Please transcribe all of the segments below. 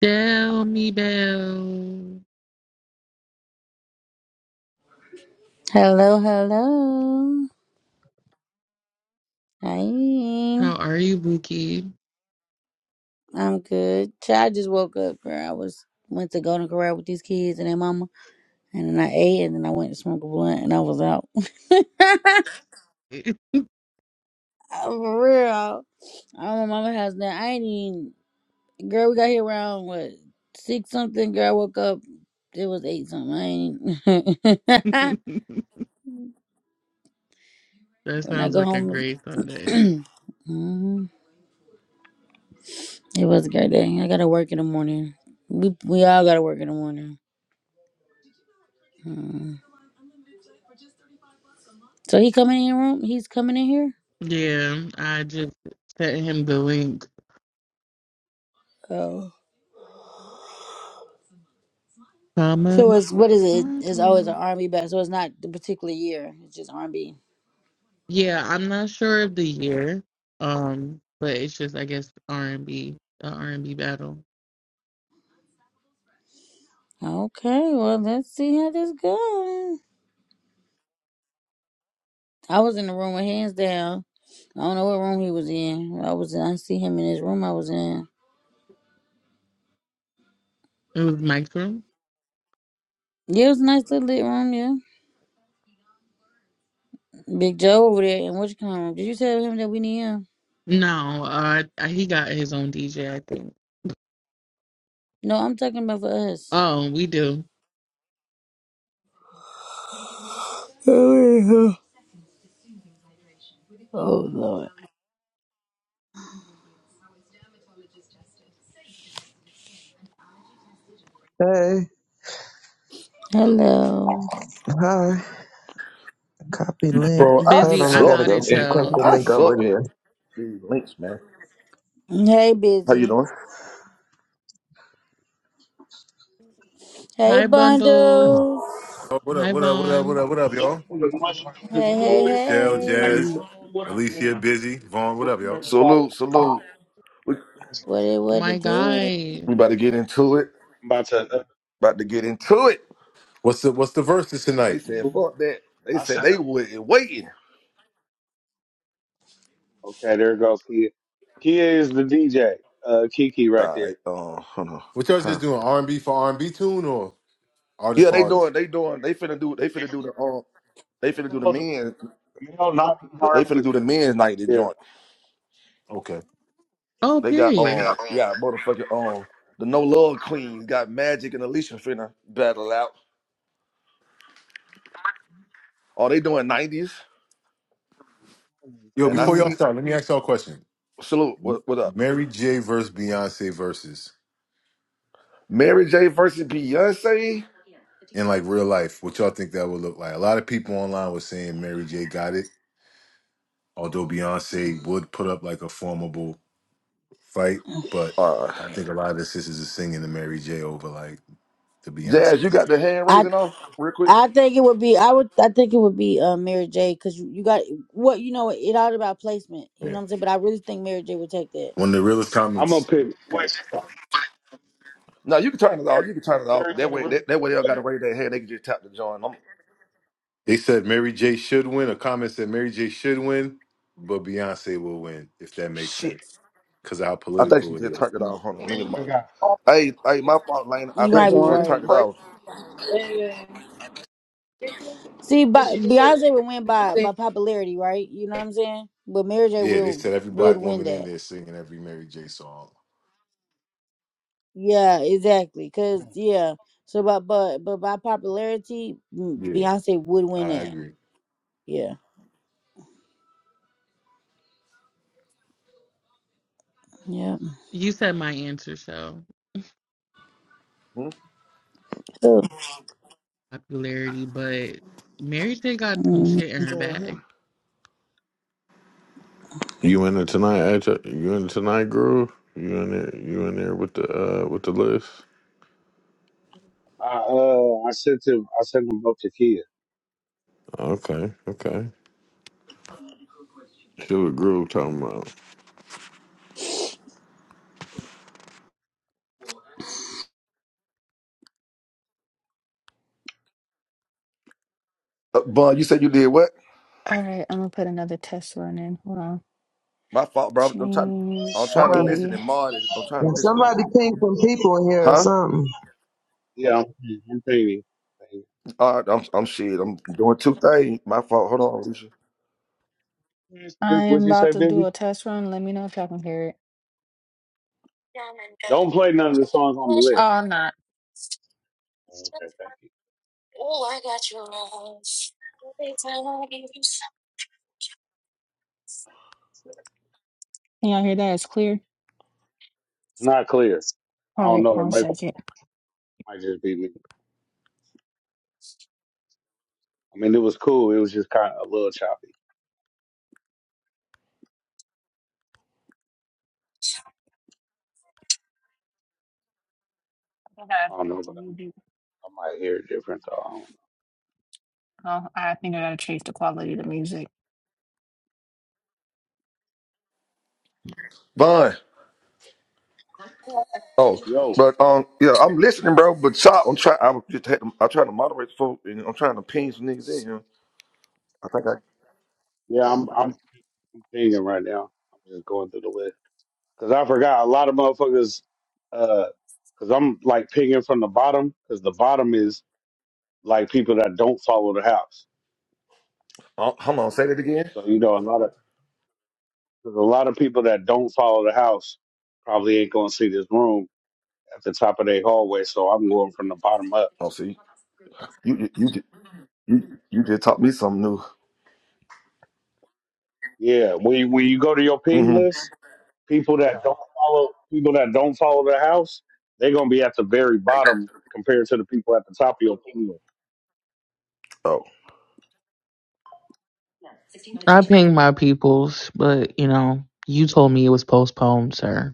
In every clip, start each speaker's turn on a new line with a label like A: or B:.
A: Tell me, Bell.
B: Hello, hello. Hi.
A: How are you, Buki?
B: I'm good. Child, I just woke up, girl. I was went to Golden Corral with these kids and their mama, and then I ate, and then I went to smoke a blunt, and I was out. For real. I'm at mama house now. I ain't even. Girl, we got here around what six something. Girl, I woke up. It was eight something. I ain't.
A: that
B: when I
A: sounds
B: go
A: like a
B: home,
A: great Sunday.
B: Mhm. it was a great day. I gotta work in the morning. We we all gotta work in the morning. Mm. So he coming in your room? He's coming in here?
A: Yeah, I just sent him the link.
B: Oh. So
A: Promenade.
B: it's what is it? It's always an R and B back. So it's not the particular year. It's just R and B.
A: Yeah, I'm not sure of the year. Um, but it's just I guess R and B, the R and B battle.
B: Okay, well let's see how this goes. I was in the room with hands down. I don't know what room he was in. I was in, I see him in his room I was in.
A: It was Mike's room.
B: Yeah, it was a nice little lit room, yeah. Big Joe over there and what you call him? Did you tell him that we need him?
A: No, uh, he got his own DJ, I think.
B: No, I'm talking about for us.
A: Oh, we do.
B: Oh, yeah. Oh, Lord.
C: Hey,
B: Hello.
C: hi. Copy link.
D: Bro, I
C: Hold
A: Busy.
C: on, I
A: I'm
D: suck
C: gotta
A: out
C: go
A: at
C: send
D: at
C: cut
A: y'all.
D: I
C: link over
D: suck at
C: here.
D: these links, man.
B: Hey
D: How you
B: busy.
D: doing?
B: Hey,
A: Hi, bundles.
B: bundles.
E: Oh, what up,
A: Hi,
E: what up, what up, what
A: Vaughn.
E: up, what up, y'all?
B: Hey, hey,
E: Shell,
B: hey.
E: Jazz, Alicia, Busy, Vaughn, what up, y'all?
D: Salute, salute. We,
B: What it what
A: My
B: it did?
A: guy.
D: we about to get into it.
F: I'm about to.
D: About to get into it.
E: What's the what's the verses
D: They
E: tonight?
D: said fuck that. They
F: I
D: said
F: said,
D: they wasn't waiting.
F: okay, there goes Kia. Kia is the DJ. Uh, Kiki right
D: All right,
F: there.
D: uh, hold on.
E: What y'all
D: Huh.
E: just doing? R and B for R and B tune or artist
D: Yeah,
E: for
D: they
E: artist?
D: doing. They doing. They finna do. They finna do the um. They finna do the
F: Mel,
D: men.
F: Mel knocking
D: They finna
F: Harvey.
D: do the men's night at
F: Yeah,
D: joint.
E: Okay.
A: Oh,
D: They got
A: period.
D: um. Yeah, motherfucking um. The no love queens got Magic and Alicia finna battle out. Oh, they doing nineties?
E: Yo,
D: And I
E: before y'all
B: Mm.
D: seen
E: start, let me ask y'all a question.
D: salute. What, what up?
E: Mary J versus Beyonce versus
D: Mary J versus Beyonce.
E: in like real life, what y'all think that would look like? A lot of people online was saying Mary J got it, although Beyonce would put up like a formidable fight, but
D: Uh,
E: I think a lot of the sisters are singing the Mary J over like the
D: Jazz, you
E: Beyonce.
D: got the hand
B: I
D: raising off real quick.
B: I think it would be I would I think it would be uh, Mary J. Because you, you got what you know it all about placement. You know what I'm saying? But I really think Mary J. would take that.
E: One of the realest
F: I'm gonna
E: comments.
F: pick. Wait,
D: No, you can turn it off. You can turn it off.
F: there's
D: That
F: that
D: way, that, that way they all got to raise their hand. They can just tap the join. I'm,
E: They said Mary J should win. A comment said Mary J should win, but Beyonce will win, if that makes
D: shit.
E: sense. Because of how
D: I think she
E: political it
D: just
E: is.
D: turned it off. Hold on, let me. mo- Hey, hey, my fault, Lane. I
B: You
G: This
D: think
B: might
D: she
B: be
D: just
G: one.
D: turned
B: right.
D: it off.
B: See, but Beyonce would win by by popularity, right? You know what I'm saying? But Mary J.
E: Yeah, they
B: will
E: said every
F: uh,
B: would
E: black
B: win
E: woman in
B: that.
E: there singing every Mary J song.
B: Yeah, exactly. Cause yeah, so but but but by popularity, mm,
E: Yeah,
B: Beyonce would
E: I
B: win that.
E: agree.
B: Yeah, yeah.
A: You said my answer show
D: Hmm?
B: Cool.
A: popularity, but Mary J got some
B: Mhm.
A: shit in her
D: Uh-huh.
A: bag.
H: You in there tonight, AJ? You in it tonight, Groove? You in there? You in there with the uh with the list?
F: I uh, I sent him. I sent him both to Kia.
H: Okay, okay. See what Groove talking about?
D: Uh, Bun, you said you did what?
I: All right, I'm gonna put another test run in. Hold on.
D: My fault, bro. I'm, I'm trying. I'm
I: Change
C: All
D: trying to
C: right.
D: listen
I: the.
D: and mod it. I'm trying to
C: If
D: listen. And,
C: somebody ping some people in here or
D: huh?
C: something.
F: Yeah, I'm, I'm thinking.
D: All right, I'm, I'm shit. I'm doing two things. My fault. Hold on, Alicia.
F: What
I: I
F: would
I: am
F: you
I: about
F: say,
I: to
F: Busy?
I: do a test run. Let me know if y'all can hear it.
F: Don't play none of the songs on the
I: Oh,
F: list.
I: I'm not. Can
F: Okay, thank you.
I: y'all hear that? It's clear.
F: It's not clear. I
I: All
F: don't
I: right,
F: know.
I: hold
F: It
I: on a
F: might,
I: second.
F: might just be me. I mean, it was cool. It was just kind of a little choppy.
I: I gotta
F: I don't
I: change
F: know,
I: the
F: but I,
I: music.
F: I might hear it different. So I don't know.
I: Oh, I think I gotta change the quality of the music.
D: Bun. Oh,
F: Yo,
D: but um, yeah, I'm listening, bro. But so I'm trying. I was just had to, I'm trying to moderate the folk, and I'm trying to ping some niggas in here. I think I.
F: yeah, I'm I'm thinking right now. I'm just going through the list because I forgot a lot of motherfuckers. uh Because I'm like pinging from the bottom because the bottom is like people that don't follow the house.
D: Oh, hold on, say that again.
F: So you know, a lot of 'cause a lot of people that don't follow the house probably ain't gonna see this room at the top of their hallway, so I'm going from the bottom up.
D: Oh, see, you you you ju- you, you just taught me something new.
F: Yeah, when you, when you go to your ping
D: hmm
F: list, people that don't follow people that don't follow the house, they're gonna be at the very bottom compared to the people at the top of your ping
D: Oh,
A: I pinged my peoples, but you know, you told me it was postponed, sir.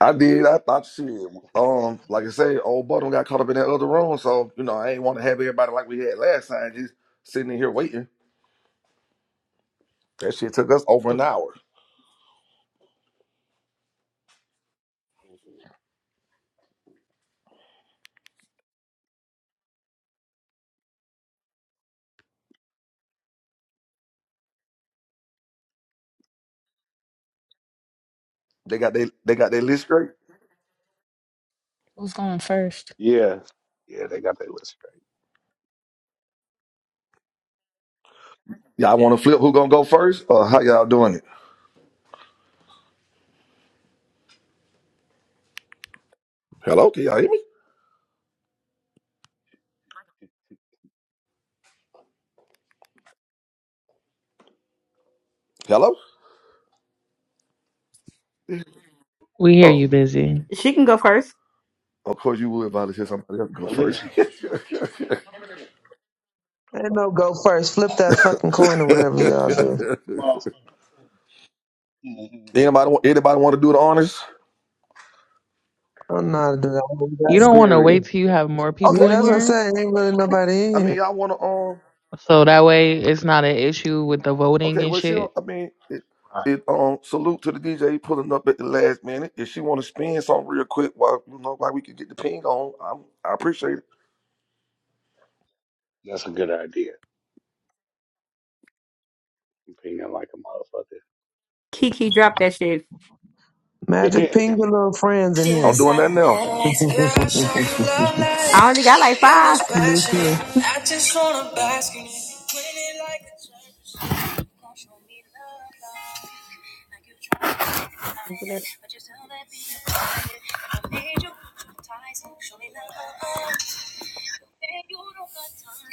D: I did. I thought shit. Um, like I said, old Budden got caught up in that other room, so you know I ain't want to have everybody like we had last time, just sitting in here waiting. That shit took us over an
F: list.
D: hour. They got they they got their list straight.
I: Who's going first?
F: Yeah, yeah, they got their list straight.
D: Y'all want to flip? Who gonna go first? Or how y'all doing it? Hello, can y'all hear me? Hello.
A: We hear
D: Oh,
A: you busy.
D: of course you would, Violet. Said somebody else go first.
F: Alicia,
C: Ain't no go first. Flip that fucking coin or whatever y'all do.
F: come on.
D: anybody, wa- anybody want to do the honors?
C: I don't know how to do that. I'm
A: You
C: that
A: don't want to
C: serious.
A: wait till you have more
D: Okay,
C: Yeah,
A: people in
C: that's
D: well,
C: what I
D: we,
A: here?
C: said. Ain't really nobody in
D: I mean,
C: here.
D: y'all want to um.
A: So that way it's not an issue with the voting
D: Okay,
A: and
D: well, she. don't-
A: shit.
D: I mean, it,
F: Right,
D: it um. Salute to the DJ pulling up at the last minute. If she want to spin something real quick, while you know, while we can get the ping on, I'm, I appreciate it.
F: that's a good idea. I'm pinging like a
C: Magic
F: motherfucker.
C: ping your little friends in here.
D: I'm doing that now.
I: It was
C: me
I: passionate.
C: too.
I: I just wanna bask in it. Put it like a Won't show me love, love. Like you trying to hide it, but you still let me hide it. If I made you hypnotized, show me love. And you don't got time.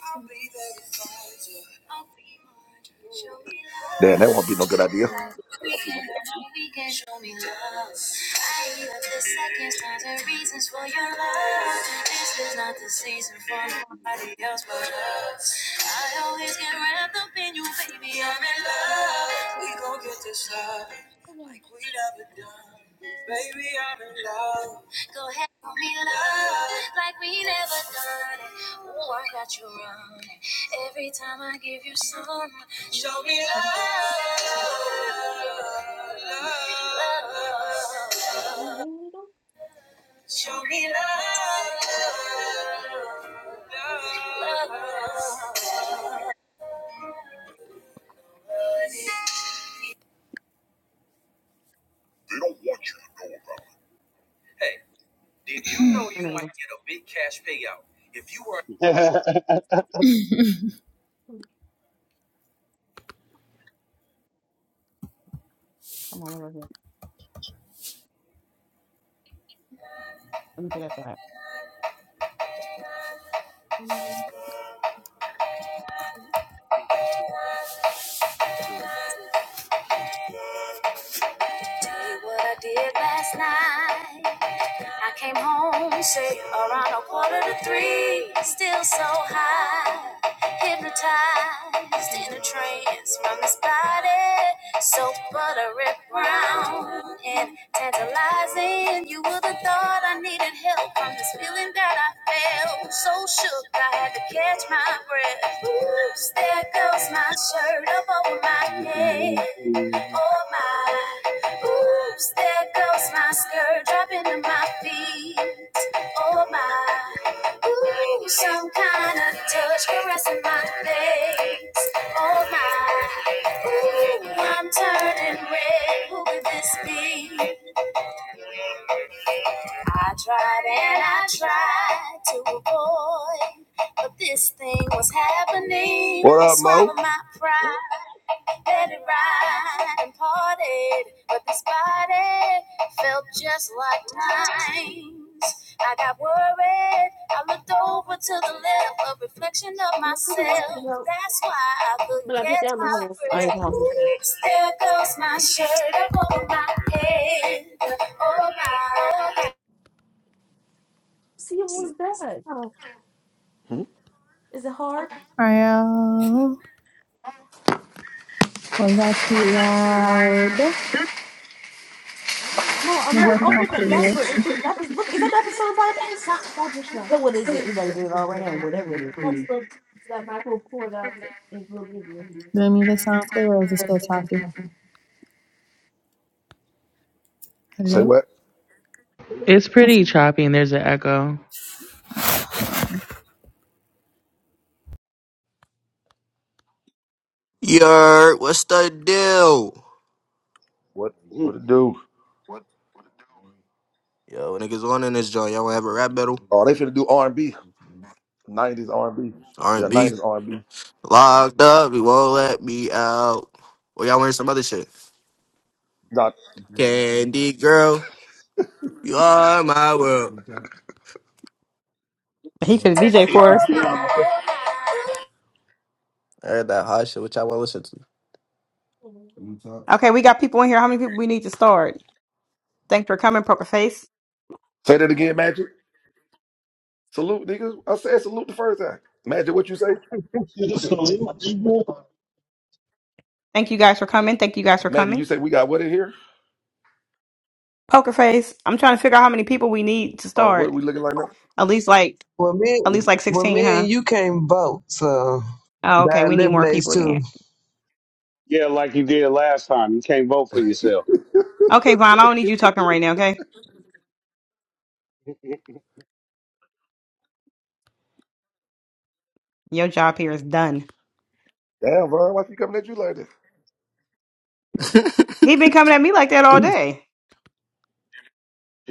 I: I'll be there to find you. I'll be mine. Show me
D: Damn, that won't be no good idea.
I: love. Weekend after weekend, show me love. I eat up the seconds, times, and reasons for your love. This is not the season for nobody else but us. I always get wrapped up in you, baby. I'm in love. We gon' get this love. Like we never done. Baby, I'm in love. Go ahead, call me love. Like we never done. Oh, I got you running. Every time I give you some, show me love. love. love. Show me love. love. love. Hey, did you know you might get a big cash payout if you were? Tell you what I did last night. I came home, say around a quarter to three, still so high, hypnotized in a trance from his body, so buttery brown and tantalizing. You would have thought I needed help from this feeling that I felt, so shook I had to catch my breath. Oops, there goes my shirt up over my head. Oh my, oops, there goes my skirt dropping to my feet. Oh my, ooh, some kind of touch caressing my face. Oh my, ooh, I'm turning red. Who could this be? I tried and I tried to avoid, but this thing was happening.
D: What up, Mo?
I: Swallow my pride. And it rhymed and parted, but this body felt just like mine. I got worried. I looked over to the left, a reflection of myself. That's why I couldn't catch my breath. There goes my shirt up over my head. Oh my, head.
D: Hmm?
I: Hello. do The music sound clear or is it still choppy?
D: Say
I: Hello?
D: what?
A: It's pretty choppy and there's an echo.
J: Yer, what's the deal?
D: What? What it do?
J: Yo, niggas on in this joint. Y'all wanna have a rap battle?
D: Oh, they finna do R and B. '90s R and B. Yeah,
J: R&B.
D: '90s R and B.
J: Locked up, you won't let me out. Or y'all wearing some other shit.
D: Nah,
J: Candy girl, you are my world.
I: oh my,
F: Yeah.
I: oh my.
J: I heard that hot shit, which I wanna listen
D: say that again, Magic. Salute, nigga. I said salute the first time. Magic, what you say? Magic, you say we got what in here? Oh, what we looking like now?
C: Well, me, well, me and you can't vote, so that eliminates too.
F: Yeah, like you did last time. You can't vote for yourself. She
D: Damn, Von, why she coming at you like this?
J: to.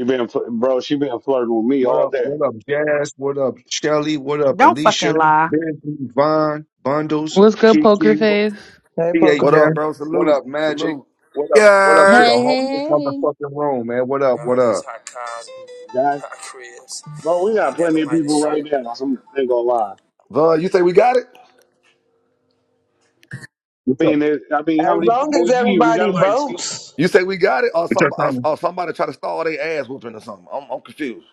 F: been, fl- bro. She been flirting with me
K: What
F: all
K: up?
F: day.
K: What up, Jazz? What up, Shelly? What up, Alicia? Benji, Vaughn, Bundles,
A: What's good, poker
K: Kiki,
D: What,
A: face?
C: Hey, poker
D: what
K: PHF.
D: up,
C: face.
D: bro?
K: What
D: Salute,
K: up, Magic?
D: salute.
K: What up? What up to
J: Yer.
K: the
B: Hey,
K: whole
B: hey, hey,
K: motherfucking room, man? What up? What
I: All these
K: up?
I: hot cars,
F: Guys,
I: hot cribs.
F: bro, we got plenty of people right now. I'm, I ain't gonna lie.
D: Von, you say we got it?
K: What's
F: I
K: up?
F: mean, it, I mean, how
C: As
F: many
C: long
F: people
C: as
F: we need? We
C: everybody
F: got like two.
C: votes.
D: You say we got it, or
K: What y'all
D: some, or,
K: trying to
D: or somebody try to stall their ass whooping or something? I'm, I'm confused.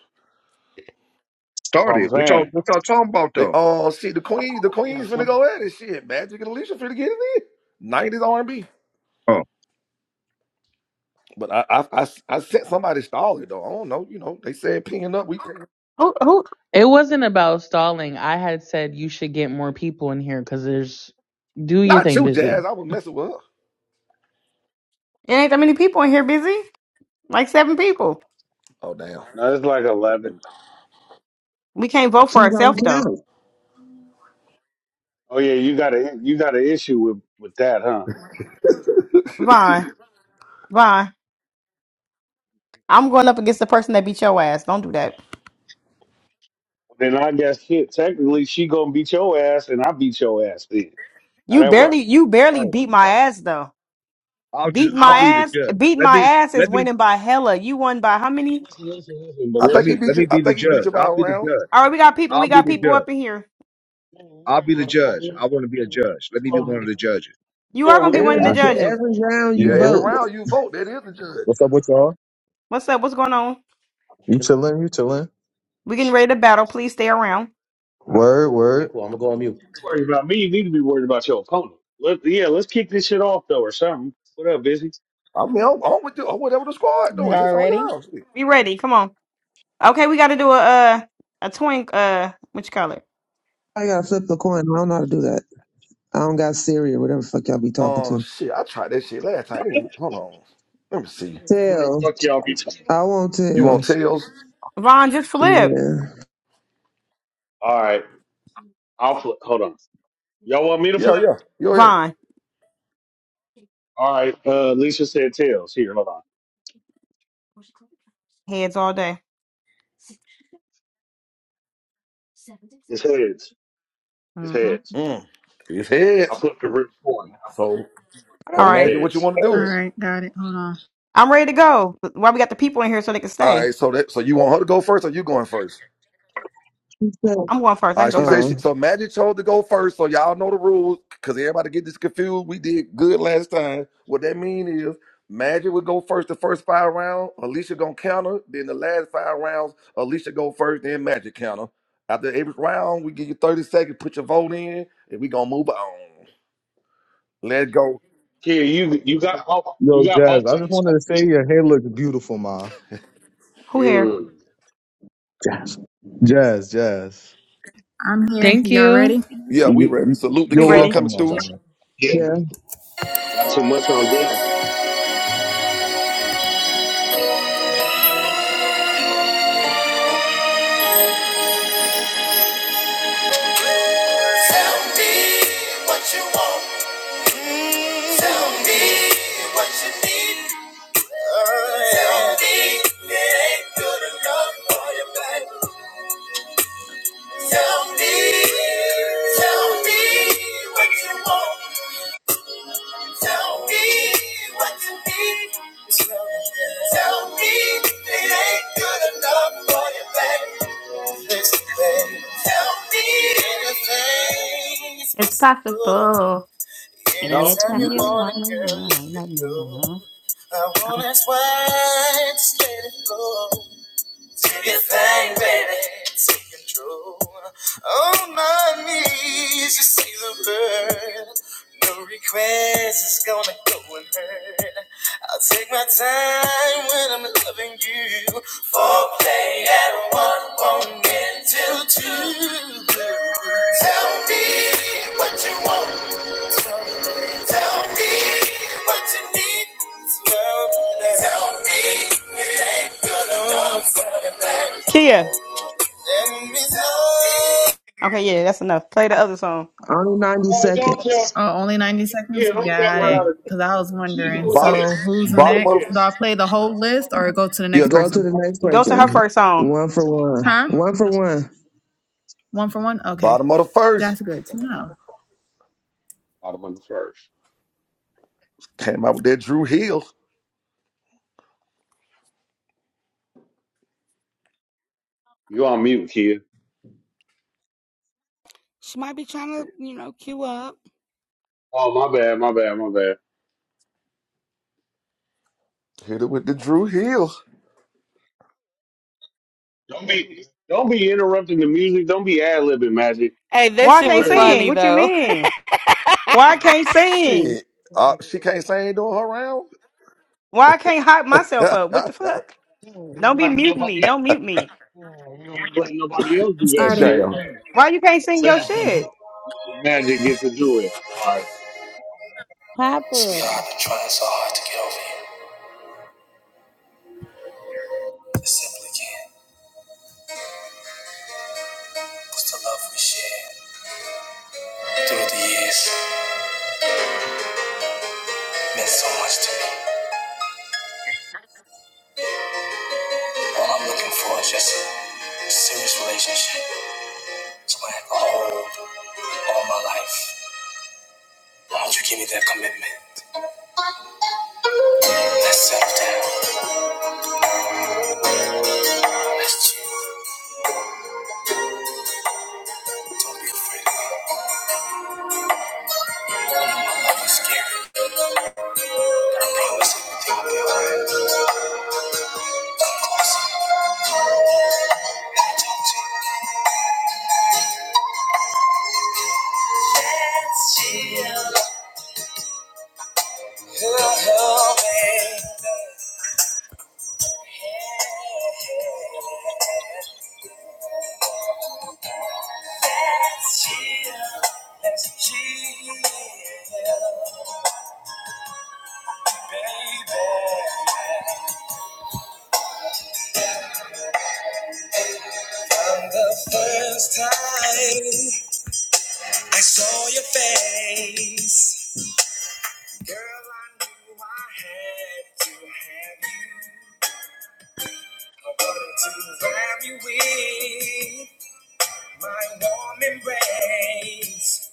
K: start
F: I'm
K: it? What y'all
F: saying.
K: what y'all talking about
D: They,
K: though?
D: oh shit, the queen, the
F: Yeah,
D: queen's finna
F: some.
D: go at it. Shit, Magic and Alicia finna get it in. Nineties R and B.
K: Oh,
D: But I, I, I, I sent somebody stall it though. I don't know. You know, they said pinging up. We,
A: It wasn't about stalling. I had said you should get more people in here because there's do your
D: not
A: thing
D: you, Jazz.
A: busy.
D: I was messing with her. Oh damn.
F: No, it's like eleven.
C: Two don't count.
F: Oh yeah, you got a you got an issue with with that, huh? Then I guess shit. Technically, she gonna beat your ass, and I beat your ass. Then how that work?
K: oh,
F: Two
K: I'll just I'll
F: points.
K: be the judge. Let me let me
F: Listen, listen, listen, but
D: I
K: let
D: think he
K: me
F: listen.
K: let
D: beat you.
K: me
D: I
K: be the
D: think he beat
K: judge.
D: you by a
K: I'll be the
D: round.
K: judge. I'll be the
F: worried
K: judge. I'll be the
F: about the
K: judge. I
F: wrong-
K: want to be a judge. Let me be one of the judges.
F: Yeah, we
C: E-
F: don't
L: Uh-huh.
F: just
C: After every round
D: Yeah,
C: you
D: every
L: Yo,
C: vote,
D: round you vote, that is the
L: what's
D: judge.
L: up with y'all? You chilling? You chilling? Word, word. Cool. I'm gonna go on mute.
F: worry about me. You need to be worried about your opponent. Let, yeah, let's kick this shit off though, or something. What up, busy?
D: I mean, I'm, I'm with you. I'm whatever the squad doing. It's on y'all. Shit.
C: I gotta flip the coin. I don't know how to do that. I don't got Siri or whatever the fuck y'all be talking
D: Uh,
C: to.
D: shit. I tried that shit last time. I ain't- Hold on. Let me see.
F: What the
C: Tails.
F: Fuck y'all be talking.
C: I want
D: You want
C: tails.
D: tails?
C: Yeah.
F: All right, I'll flip. Hold on. Y'all want me to
D: Yeah,
F: flip?
D: yeah. Go ahead.
F: All right. Uh, Lisa said tails. Here, hold on. It's heads. It's heads.
D: Mm. It's
F: I
D: heads.
F: flipped the real coin. I
D: So,
F: flipped the real coin.
C: All
D: so
C: right.
F: It's
D: imagine what you
F: heads.
D: want to do.
I: All right, got it. Hold on.
D: All right. So that. So you want her to go first, or you going first? Uh, she said,
C: Uh,
D: she, so Magic chose to go first, so y'all know the rules, because everybody get this confused. We did good last time. What that mean is Magic would go first the first five rounds, Alicia gonna counter, then the last five rounds, Alicia go first, then Magic counter. After every round, we give you 30 seconds, put your vote in, and we gonna move on. Let's go.
F: Here, you you got both.
L: Yo,
F: You got
L: Jazz,
F: both
L: I
F: of
L: just wanted to say
F: these.
L: your hair looks beautiful, ma.
F: Mm.
L: Jazz. Jazz, Jazz.
A: Thank you.
D: Yeah, we
L: You,
D: ready.
L: you,
D: Salute the
L: you're
D: kid coming
L: welcome,
F: Too
D: through.
F: much.
L: ma.
F: Yeah,
C: yeah.
F: not too much on that.
I: Tell me what you want. Mm. Tell me what you need. Oh, yeah. Tell me it ain't good enough for you, babe. Tell me, tell me what you want. Tell me what you need. Tell me it ain't good enough for your baby. Listen, babe. Tell me anything is possible.
F: No.
I: Anytime you
F: Well,
I: want it, girl, let me know. I won't ask why, just let it go. Do your thing, baby. Take control. On my knees, you see the bird. No request is gonna go unheard. I'll take my time when I'm loving you. Foreplay at one won't end till two. Tell me what you want. Tell me what you need. Tell me it ain't gonna go further. Let me know.
C: Only 90
F: don't
C: seconds.
F: tell.
I: Oh, only 90
F: Yeah,
I: seconds?
F: don't tell
I: Got
F: her
I: it.
F: how to.
C: Go
I: Because I was
F: She
I: wondering.
F: doing
D: Bottom
I: So,
F: this.
I: who's
F: She doing
D: bottom
I: next?
D: of
I: Do I
F: this.
I: play the whole list or go to the
D: yeah,
I: next
D: go for,
C: to the
I: person?
C: next person. One for one.
I: Huh?
C: One for one.
I: One for one? Okay.
D: bottom of the first.
I: That's good to know.
F: Motherfucker first.
D: Came out with that Drew Hill.
F: You on mute, kid.
M: She might be trying to, you know, queue up.
F: Oh, my bad, my bad, my bad.
D: Hit it with the Drew Hill.
F: Don't be, don't be interrupting the music. Don't be ad libbing, Magic.
M: Hey, that shit
F: It's
M: was
F: very
M: funny
F: rude.
M: though.
D: Shit. Uh, she can't sing during her round?
F: Let nobody else. You don't be letting nobody else do that
I: Starting.
F: shit.
D: Damn.
F: Man, Magic gets to do it. All right.
B: Papa.
I: Sweetheart, i been trying so hard to get over you. I simply can't. Cause the love we shared through the years meant so much to me. All I'm looking for is just a serious relationship. So I can hold all my life. Why don't you give me that commitment? Let's settle down. Let's chill. Don't be afraid. Don't be scared. Let's chill. Oh, oh, babe. Let's chill, let's chill, baby. From the first time I saw your face, girl, I knew I had to have you. I wanted to wrap you in my warm embrace.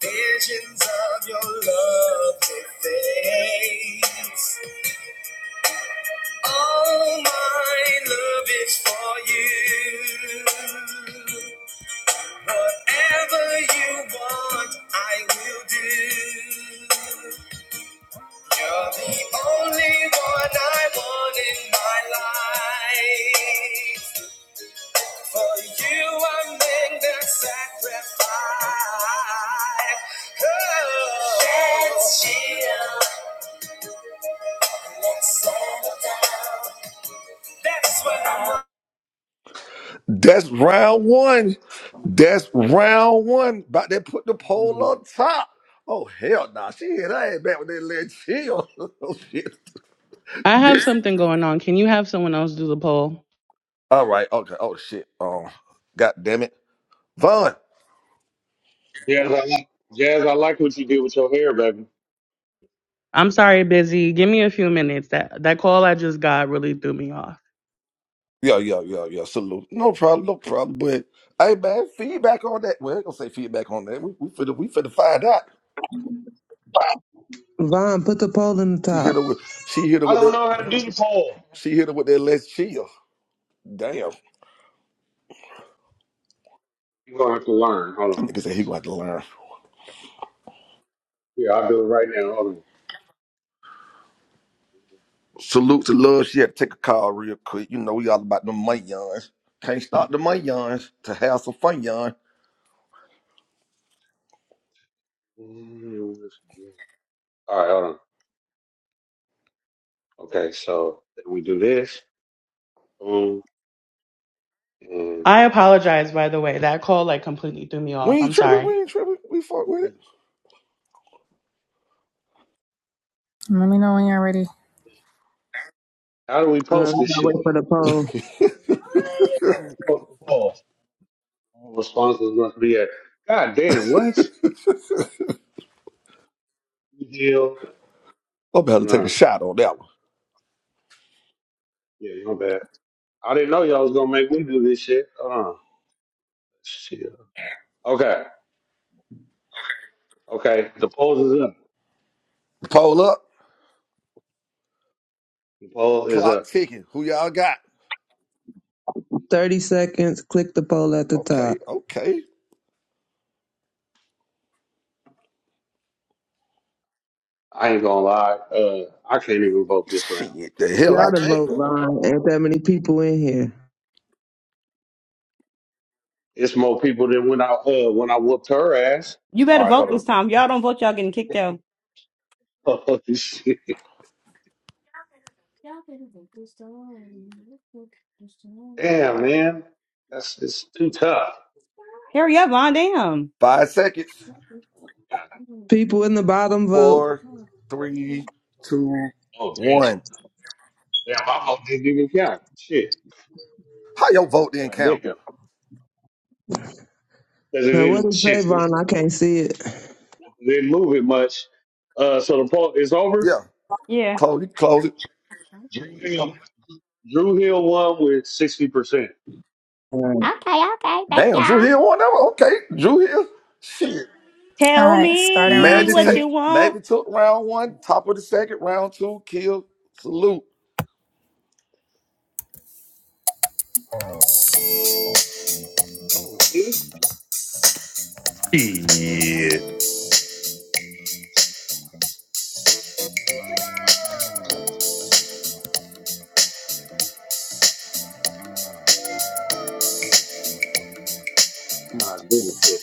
I: Visions of your love that fades. All my love is for you. Whatever you want, I will do. You're the only one I want in my life. For you, I make the sacrifice. Oh. Let's chill. Let's settle down. That's what I want.
D: That's round one. That's round one. About to put the pole
F: Mm.
D: on top. Oh, hell nah. She hit her ass back with that little chill. oh, shit.
A: I have
D: This.
A: something going on. Can you have someone else do the poll?
D: All right. Okay. Oh, shit. Um, God damn it. Vaughn.
F: Jazz, I like, Jazz, I like what you did with your hair, baby.
A: I'm sorry, busy. Give me a few minutes. That that call I just got really threw me off.
D: Yeah, yeah, yeah, yeah. Salute. No problem. No problem. But, hey, man, feedback on that. Well, I ain't gonna say feedback on that. We, we, finna, we finna find out.
C: Vaughn, put the poll in the
D: She hit
C: top.
D: her with, she hit her
F: I
D: with
F: don't
D: that,
F: know how to do the poll.
D: she hit her with that let's chill. Damn.
F: You're gonna have to learn. Hold on.
D: I think said he
F: Let's see.
D: going to learn.
F: Yeah, I'll do it right now. Hold
D: Salute to love. She had to take a call real quick. You know, we all about the money yawns. Can't stop the money yawns to have some fun yawn.
F: on. All right, hold on. Okay, so we do this. Boom and
A: I
F: this.
A: apologize, by the way. That call like completely threw me
D: We
A: off.
D: ain't
A: I'm
D: tripping.
A: sorry.
D: We ain't tripping. We fuck with
I: Let me know when you're ready.
F: How do we
C: All right,
F: post
C: we
F: this
C: gotta
F: shit?
C: wait for the poll.
D: it.
F: Where we supposed to post? All responses must be at. God damn, what? Good Deal.
D: I'm about to take a
F: Nah.
D: shot on that one.
F: Yeah, you bad. I didn't know y'all was gonna make me do this shit. Hold on. Shit. Okay. Okay. The poll is up.
D: Poll up.
F: The poll is
D: Clock
F: up.
D: ticking. Who y'all got?
C: 30 seconds. Click the poll at the
D: Okay.
C: top.
D: Okay.
F: I ain't gonna lie. Uh, I can't even vote this round.
D: Shit. The
C: You
D: hell I
C: Gotta
D: can't.
C: vote, Vaughn. Ain't that many people in here.
F: It's more people than when I uh when I whooped her ass. All right, hold on. Holy shit. Damn, man. That's it's too tough.
D: Five seconds.
F: God,
C: People in the bottom vote.
D: Four, three, two,
F: oh damn.
D: one.
F: Damn, my vote didn't even count. Shit.
D: How your vote didn't
F: God damn.
D: count?
F: Because it
C: Now, what
F: didn't
C: is
F: shit it
C: Trayvon? I can't see it.
F: didn't move it much. Uh so the poll is over.
D: Yeah. Close it. Close it.
F: Drew Hill Drew Hill won with sixty percent.
C: Right.
D: Damn. Drew Hill won that one. Okay. Drew Hill. Shit.
I: All right, starting round two.
D: Magitate, Magic took round one, top of the second, round two, kill, salute.
F: Oh see?
E: Yeah.
F: Nah, damn shit.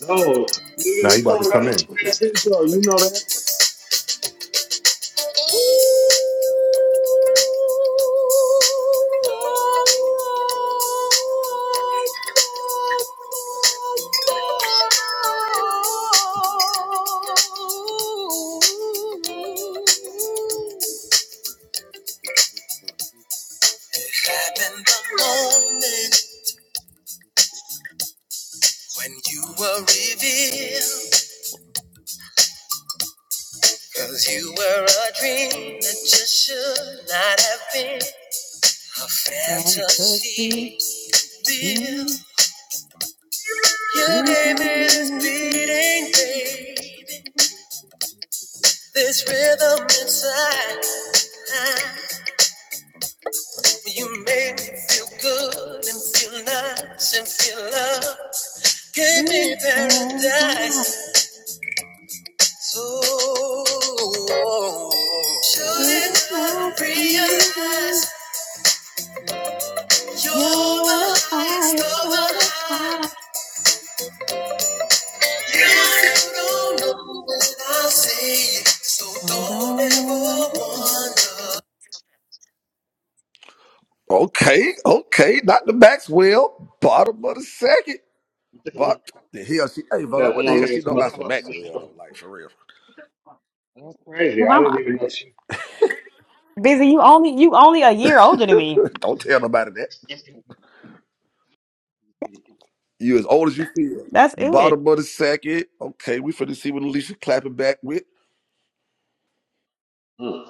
F: No, nigga,
E: Now you
F: this
E: about to
F: song got
E: come in.
F: a show. You know
I: Back in the moment when you were revealed, 'cause you were a dream that just should not have been a fantasy. real. You gave me this beating, baby, this rhythm inside. You made me feel good and feel nice and feel love. Gave me paradise. So, shouldn't I realize you're the highest of the high? If you don't know it, I'll say it. So don't ever wonder.
D: Okay, okay, not the Maxwell, bottom of the second.
F: that.
D: But the hell she, hey Von,
F: That's
D: what
F: what
D: the
F: I'm
D: hell
F: getting
D: she know
F: to my
D: about some Maxwell
F: fucking
D: though? Like for real,
F: crazy. I didn't even know she.
D: don't tell nobody that. You as old as you feel. Bottom of the second. Okay, we finna see what Alicia clapping back with.
F: Mm.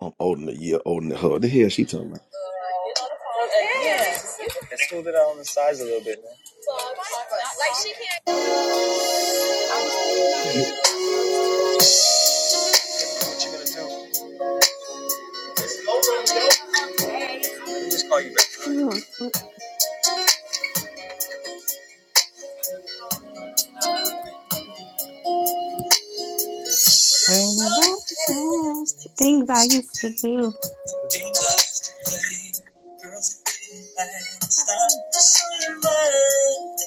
D: I'm older than a year, older than her. The hell she talking
I: Yeah. Let's smooth it out on the sides a little bit, man. Like she can't. What you gonna do? Let me just call you back. all right? Girls are getting bad. Stop just so you mind.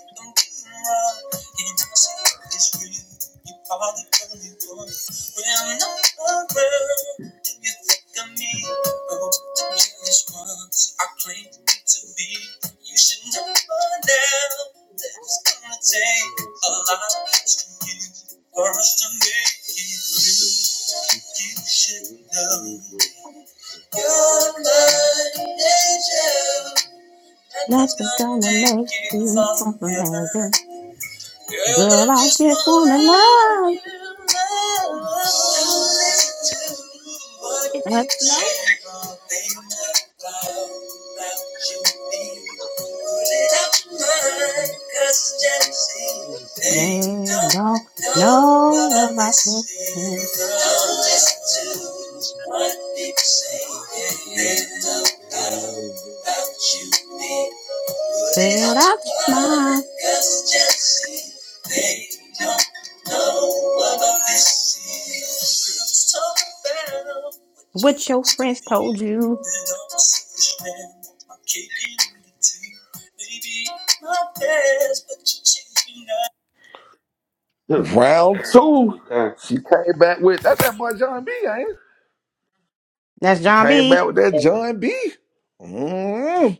I: You are the only one. When I'm not around, do you think of me? Oh, I'm jealous once. I to be. You should know by now that it's gonna take a lot of kiss for us to make it through. You should know. Your blood angel, nothing's gonna make you fall from heaven. Girl, I just wanna love you, love. Don't listen to what people say, all they talk about, about you. me it up in mind, cause jealousy, they don't know about this feeling. Don't listen to what people say, they know about, about you, me. Put it up in mind, cause jealousy, they don't know what this is. let talk about what your friends do to you. Then I'm a selfish man, want my cake and eat Maybe it's not best, but you changed me now.
D: about?
F: Hmm.
D: Round two.
F: okay.
D: She came back with that's that boy John B. Ain't it? She came back with that John B. Mm,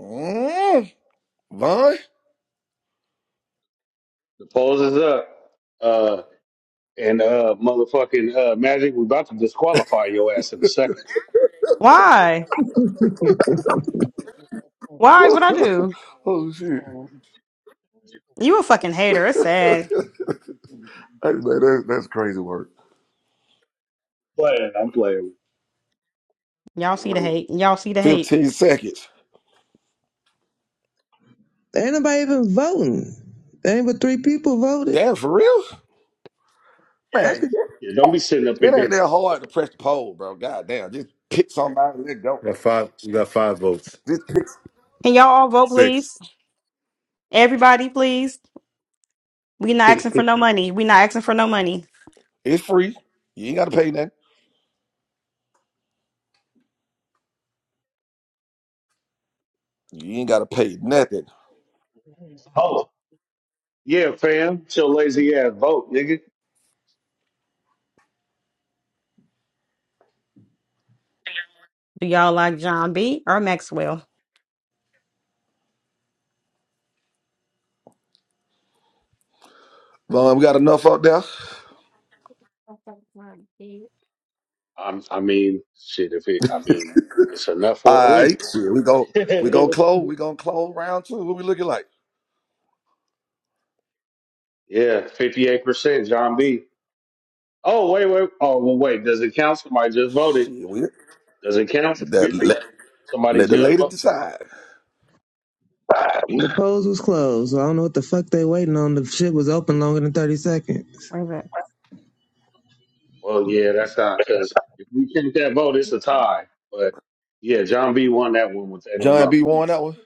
D: mm, Von.
F: The polls is up. Uh, and uh, motherfucking uh, Magic, we are about to disqualify your ass in a second.
D: oh shit. That's, that's, that's crazy work.
F: Playing, I'm playing. Hmm.
D: 15 seconds.
C: Ain't nobody even voting. Ain't but three people voted.
D: Damn, for real?
C: I
D: Man,
C: could.
F: Yeah, don't be sitting up in
D: it ain't
F: here.
D: that hard to press the poll, bro. God damn. Just pick somebody and let go.
E: You got five you got five votes.
D: Just pick.
E: Six.
D: It's free. You ain't gotta pay nothing. You ain't gotta pay nothing.
F: oh, yeah, fam. Your lazy ass vote, nigga.
D: Von, we got enough up there.
F: I'm, I mean, shit, if it, I mean, it's enough for a
D: All
F: win.
D: right. Shit, we go. We gonna close.
F: yeah,
D: We gonna close round two. What we looking like?
F: 58%, John B. Oh, wait, wait. Oh, well, wait. Does it count? Somebody just voted.
D: Shit, we
F: Does it count? 50?
D: that.
F: Somebody
D: Let the
F: just
D: ladies
F: voted.
D: decide.
C: The polls was closed. So I don't know what the fuck they waiting on. The shit was open longer than thirty seconds.
F: Well, yeah, that's not because if we count that vote, it's a tie. But yeah, John B won that one with they don't
D: John
F: know.
D: B. won that one.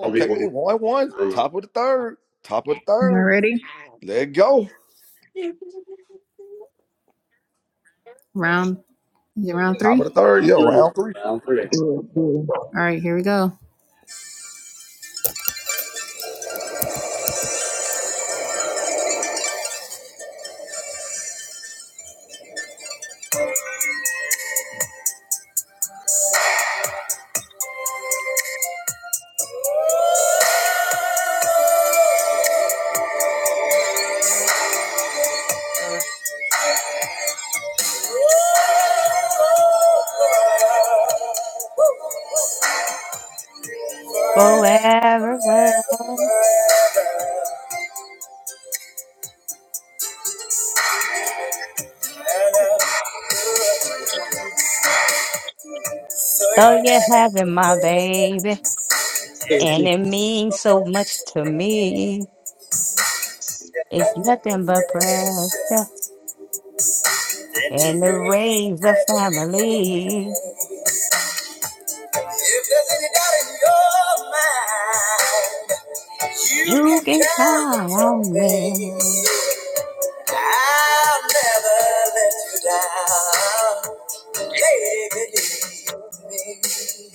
F: John B
D: Okay,
F: won.
D: it
F: with
D: won one.
F: They don't know.
D: Top of the third. Top of the
I: All
D: third.
I: righty,
D: Let it go.
I: round is it round
D: Top of
I: three.
D: the third. Yeah, round three.
F: Round three.
C: Yeah, yeah.
I: All right, here we go. So you're having a minute, and
F: Round three.
I: it's so much to me. There's nothing more precious than to raise a family. If there's any doubt in your mind, you can count on me. I'll never let you down. Lady, believe me.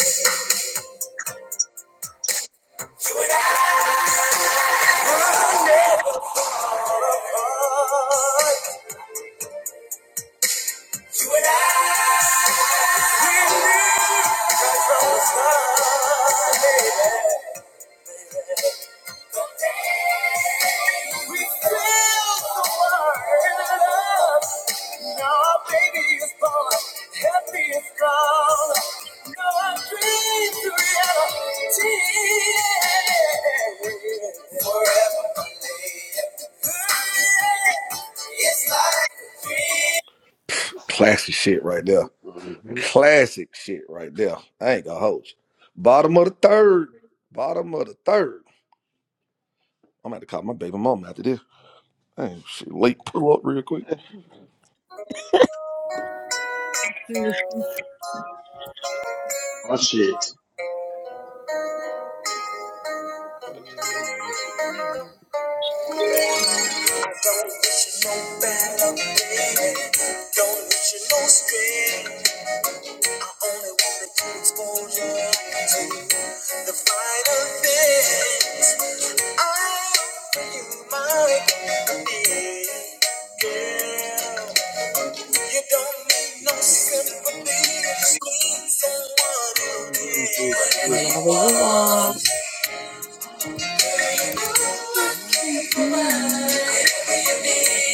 I: Never. You and I. We feel the world. Now our baby is born, happy and strong. Now our dreams are reality. Forever believe it's like a
D: Classic shit right there.
F: Mhm.
D: Classic shit right there. I ain't gonna hold you. Bottom of the third. Bottom of the third. I'm gonna have to call my baby mom after this. Hey, she late pull up real quick.
F: Oh shit.
I: don't wish you no bad, baby. Don't wish you no strain. I only wanna get exposure to the finer things. I'll you my need. Girl, you don't need no sympathy. You just need someone who cares. Whatever you want,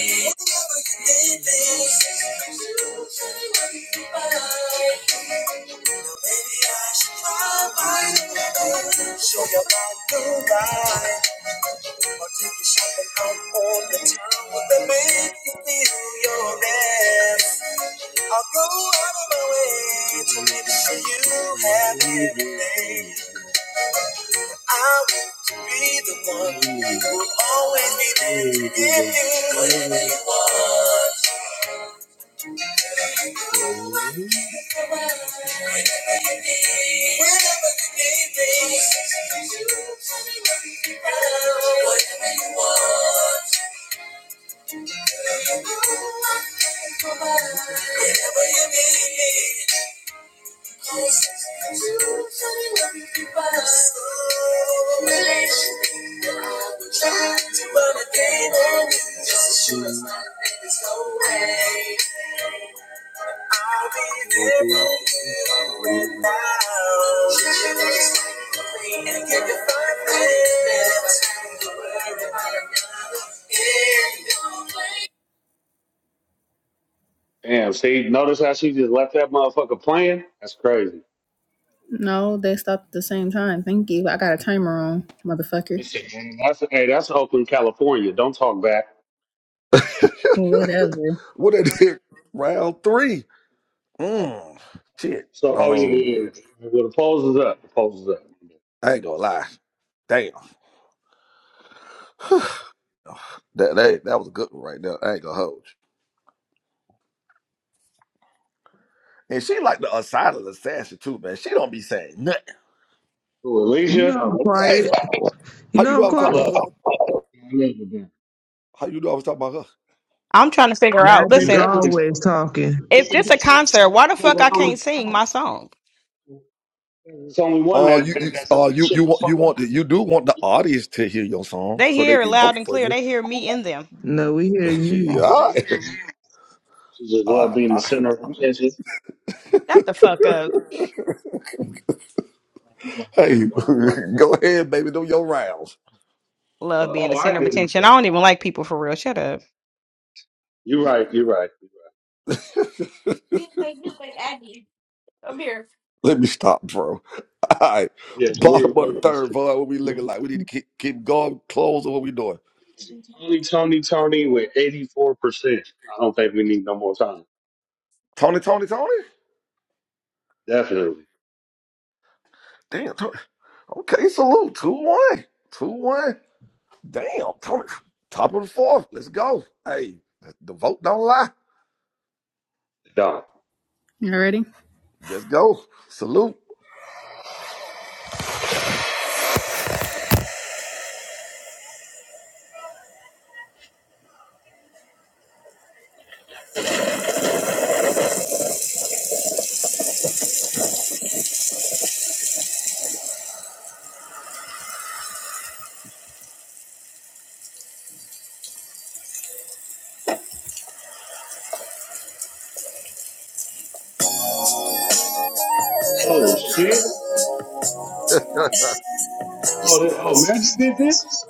I: whatever you need, babe. Now maybe I should try my own Show you about the ride. Or take you shopping out on the town with they make you feel your best. I'll go out of my way to make sure you have everything. I want to be the one who will always be there to give you whatever you want. Whenever you know I can provide. Whenever you need Whenever you need me, Whenever you need me. whatever you want. Whenever you need me, close to tell me what you find. Slow relation, I will try to run a game on you. Just as sure as my name is no way. I'll be there for you and now. Should you know it's time for me and give your five minutes? Never time to worry about another. In your way.
F: Damn, see, notice how she just left that motherfucker playing? That's crazy.
I: No, they stopped at the same time. Thank you. I got a timer on, motherfucker.
F: This shit, man, That's hey, that's Oakland, California. Don't talk back.
I: Whatever.
D: what that is? Round three. Mmm. Shit.
F: So oh yeah,
D: Um,
F: yeah. yeah. Well the polls is up. The polls is up.
D: I ain't gonna lie. Damn. That, that that was a good one right there. I ain't gonna hold. you. And she like the aside of the assassin too, man. She don't be saying nothing.
F: Who,
C: You know
F: Alicia,
C: I'm
D: Yeah.
C: quiet. You
D: How you
C: know
D: do
C: I'm
D: I was
F: Well, I
D: talking
C: quiet.
D: about
F: love
D: her?
F: it. I love it, man.
D: How you do I was talking about her?
N: I'm
F: You
C: Magic
F: definitely
C: always talking.
N: if
F: it's only one
D: Uh
F: that,
D: you, you
F: that that's
D: uh
F: just
D: you you
F: shut the
D: want you
F: fuck up.
D: want the, you do want the audience to hear your song
N: they
D: so they can vote for you.
C: No, we hear you.
D: yeah.
F: Just she just
D: I,
F: love being the
D: I,
F: center. I'm just-
N: that's a,
F: I'm just- I'm
D: hey,
F: playing.
D: go ahead, baby, do your rounds.
F: But, oh I did.
N: a
F: You're right, you're right.
D: Let me stop, bro. All right.
F: Yeah, so we
D: Bottom
F: were
D: of the
F: one
D: third,
F: percent.
D: boy, what we looking like. We need to keep keep going, close on what we doing.
F: Tony, Tony, Tony with eighty four percent. I don't think we need no more time.
D: Tony, Tony, Tony?
F: Definitely
D: Damn, Tony. Okay, salute. 2 1. 2 1. Damn. Tony, Top of the fourth. Let's go. Hey, the vote don't lie.
F: don't.
I: You ready?
D: Just go. Salute.
F: Oh shit! Oh, that, oh, Max did this.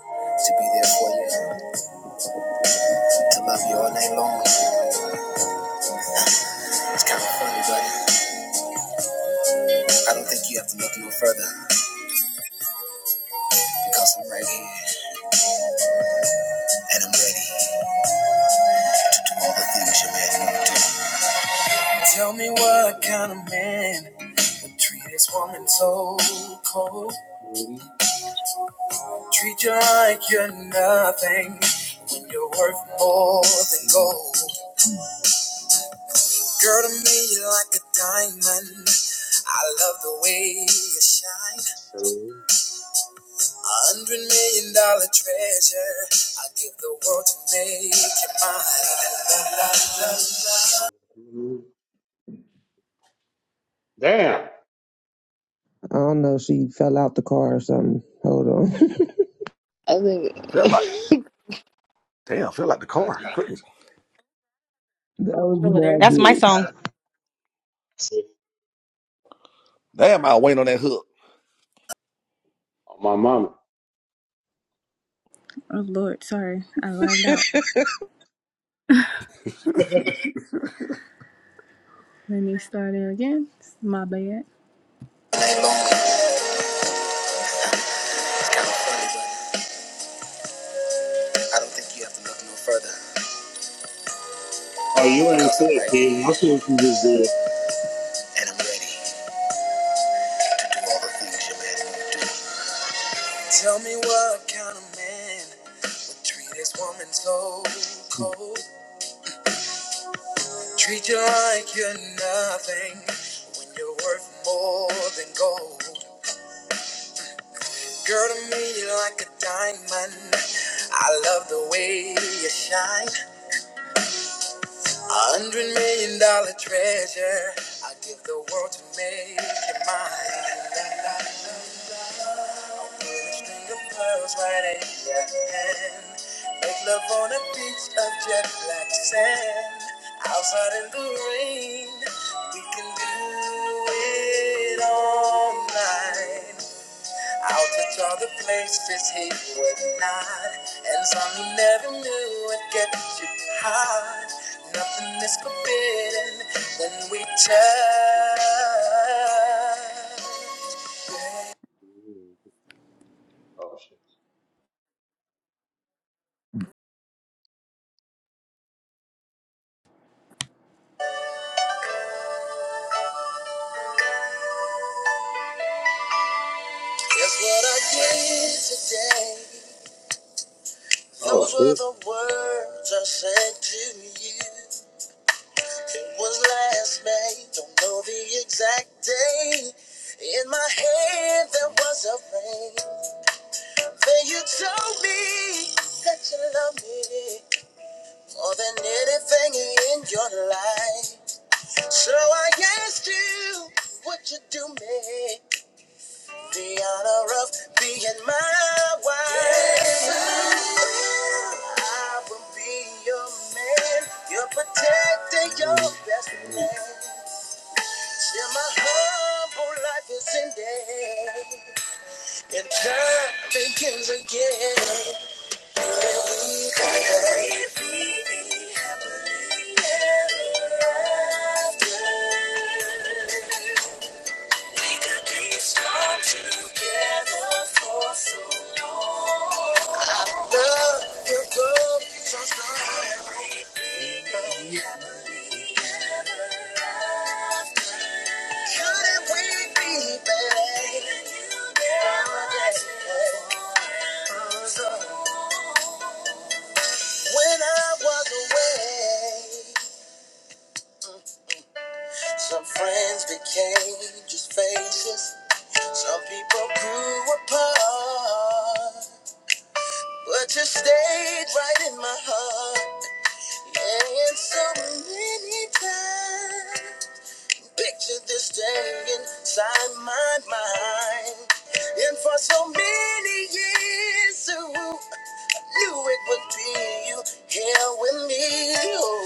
I: Tell me what kind of man would treat his woman so cold. Treat you like you're nothing when you're worth more than gold. Girl to me, you're like a diamond. I love the way you shine. A hundred million dollar treasure. I give the world to make you mine. La, la, la, la,
F: Damn!
C: I don't know. She fell out the car or something. Hold on.
G: I think
D: feel like,
G: that
D: damn, feel like the
F: God,
D: car. Goodness.
C: that was Magic's.
F: damn.
D: Damn, I wait on that hook.
F: Oh, my mama.
I: Oh Lord, sorry, I lagged out. Let me start it again. My bad. I don't think you have to look no further
F: Oh, you ain't
I: because I'm
F: fit,
I: right
F: kid. I
I: here
F: think she just did.
I: and I'm ready to do all the things you're meant. Tell me what kind of man would treat this woman so cold? Treat you like you're nothing when you're worth more than gold. Girl to me, you're like a diamond. I love the way you shine. A hundred million dollar treasure. I give the world to make you mine. I'll put a string of pearls right in your hand. Make love on a beach of jet black sand. Outside in the rain, we can do it all night. Out at all the places he would not, and some he never knew would get you high. Nothing is forbidden when we touch. Guess what I did today?
F: Oh
I: Those were
F: shit!
I: the words I said to you. It was last May, don't know the exact day. In my head there was a ring. Then you told me that you love me more than anything in your life. So I asked you, would you do me the honor of being my wife? Yes, I will I will be your man, your protector,
F: Oh
I: your best
F: shit!
I: man. Till my humble life is ended, and time begins again. When I
F: Mm.
I: was away. Some friends became just faces. Some people grew apart. But you stayed right in my heart. Yeah, And so many times. Picture this day inside my mind. And for so many years, ooh, I knew it would be you here with me. Oh.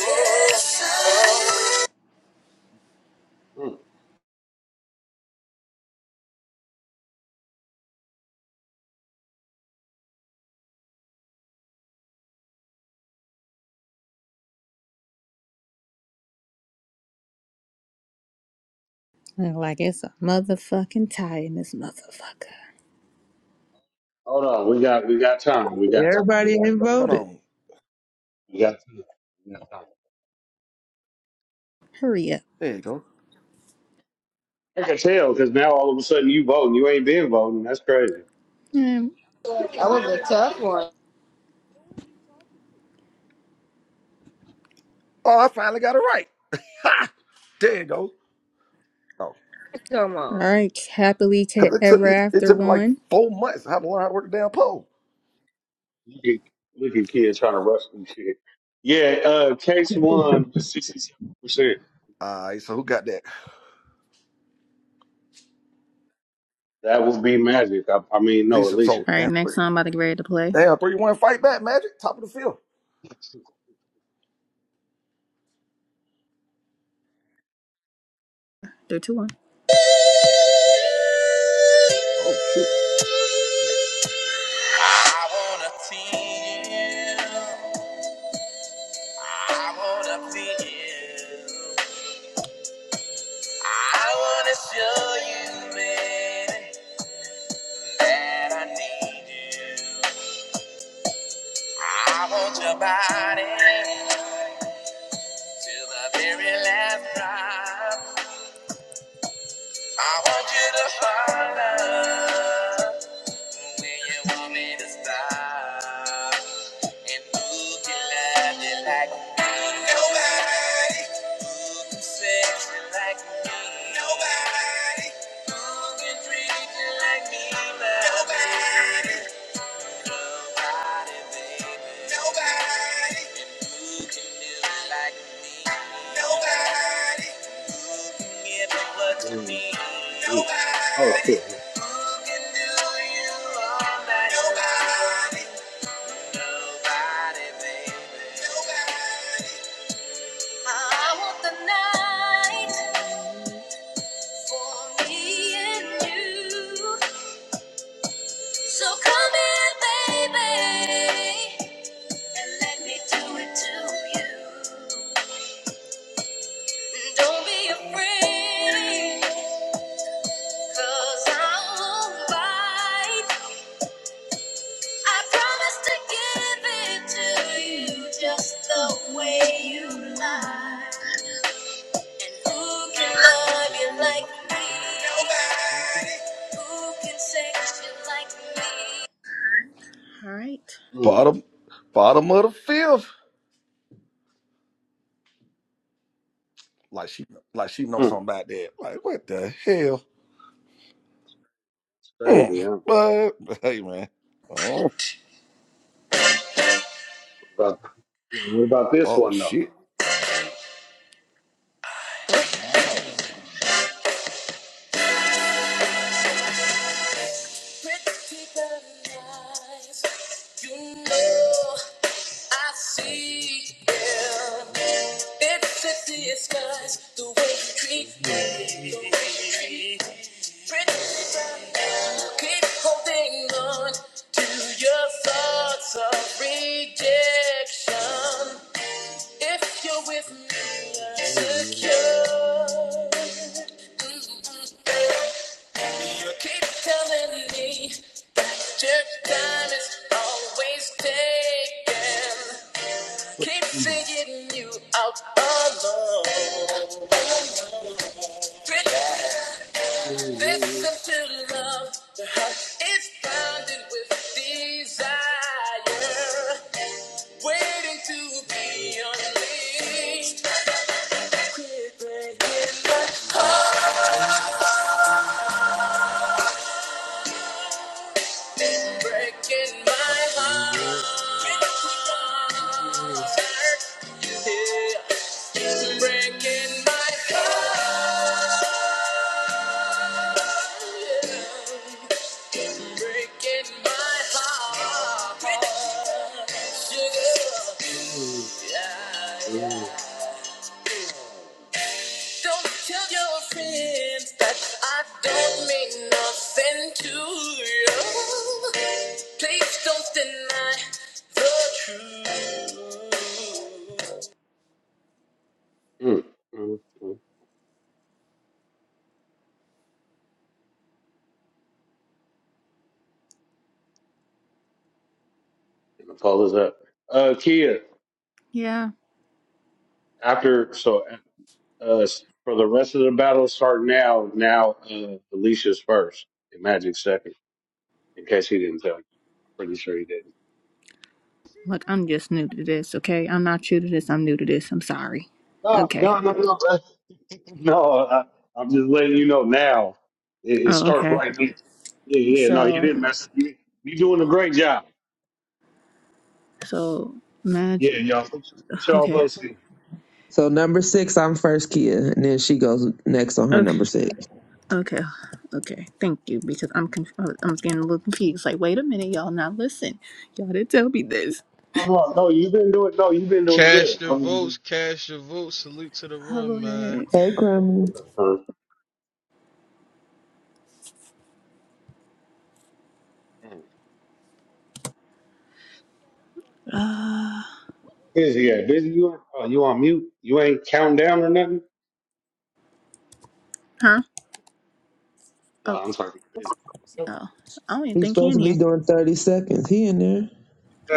I: Look like it's a motherfucking tie in this motherfucker.
F: Hold on, we got we got time. We got time.
C: Everybody ain't
D: Hold
C: voted.
D: on.
F: We got time. We got time.
I: Hurry up.
D: There you go.
F: I can tell because now all of a sudden you voting. You ain't been voting. That's crazy.
I: Mm.
G: was a tough one.
D: Oh, I finally got it right. Ha! There you go. Oh,
I: All right, happily ca-
D: because it took
I: ever
D: me, it
I: after
D: took me like
I: one.
D: four months I had to learn how to work the damn pole.
F: You can look at kids trying to rush through shit. Yeah, uh, case one was sixty seven percent.
D: All right, so who got that?
F: That would be magic. I, I mean, no,
D: Lisa.
F: Alicia.
D: So,
I: All right,
D: damn,
I: next
D: three,
I: song I'm about to get ready to play.
D: damn, 3 1 fight back, Magic. Top of the field.
I: Three, two, one.
D: Oh, shit.
I: I wanna feel, I wanna feel. I wanna show you, baby, that I need you. I want your body to the very last drop. I want you to follow when you want me to stop. And who can love you like me? Nobody. Who can sex you like me? Nobody. Who Nobody. Nobody, like me. nobody,
F: Mm. Mm. Oh
I: nobody,
F: shit.
I: nobody, nobody. I want the night for me and you. So come here, baby, and let me do it to you. Don't be afraid, 'cause I won't bite. I promise to give it to you just the way you lie. And who can love you like me? Nobody. Who can sex you like me? All right.
F: Mm.
D: Bottom, bottom of the field. like she like she knows
F: Mm.
D: something about that. Like what the hell?
F: It's
D: Mm,
F: crazy, huh?
D: but hey man, oh,
F: About, what about this
D: oh
F: one though?
D: shit!
I: Pretty girl, eyes, you know I see. yeah. It's a disguise the way you treat
F: Mm.
I: me. The way you treat me. Pretend you keep holding on to your thoughts of rejection. If you're with me, I'm secure. You keep telling me your time is always taken. Keep saying you out alone.
F: Mm.
I: Listen to love. The heart is bounded with desire, waiting to be unleashed. Quit breaking my, breaking my heart. Yeah, it's breaking my heart, breaking my heart. Sugar, yeah, yeah, Don't tell your friends that I don't mean nothing to you. Please don't deny the truth.
F: Mm. And the poll is up. Uh, Kia,
I: Yeah,
F: after so uh, for the rest of the battle, start now. Now uh, Alicia's first, and Magic second. In case he didn't tell you, I'm pretty sure he didn't.
I: look, I'm just new to this, okay? I'm not new to this, I'm new to this, I'm sorry.
F: No,
I: Okay.
F: no, no, no. No, I, I'm just letting you know now. It, it
I: Oh,
F: starts
I: okay.
F: right there. Yeah, yeah. No, you
I: So,
F: didn't mess. You, you doing a great job.
I: so,
F: Yeah,
I: imagine,
F: y'all. Put, y- put y'all
I: okay.
F: posted.
C: So number six, I'm first Kia, and then she goes next on her
I: Okay,
C: number six.
I: okay, okay. Thank you, because I'm conf- I'm getting a little confused. Like, wait a minute, y'all. Now listen, y'all didn't tell me this.
F: Come on. No, you've been doing. No, you've been doing
O: Cash
F: good.
O: your
F: I'm
O: votes, cash your votes. Salute to the room, man.
I: Public.
C: Hey, Grandma.
F: Huh?
I: Uh,
F: busy. Yeah, busy. You on- oh, you on mute? You ain't counting down or nothing?
I: huh?
F: No,
I: Oh,
F: I'm sorry. Busy.
I: oh. I don't even
C: He's
I: think he
C: supposed
I: in
C: to be
I: here.
C: doing 30 seconds. He in there.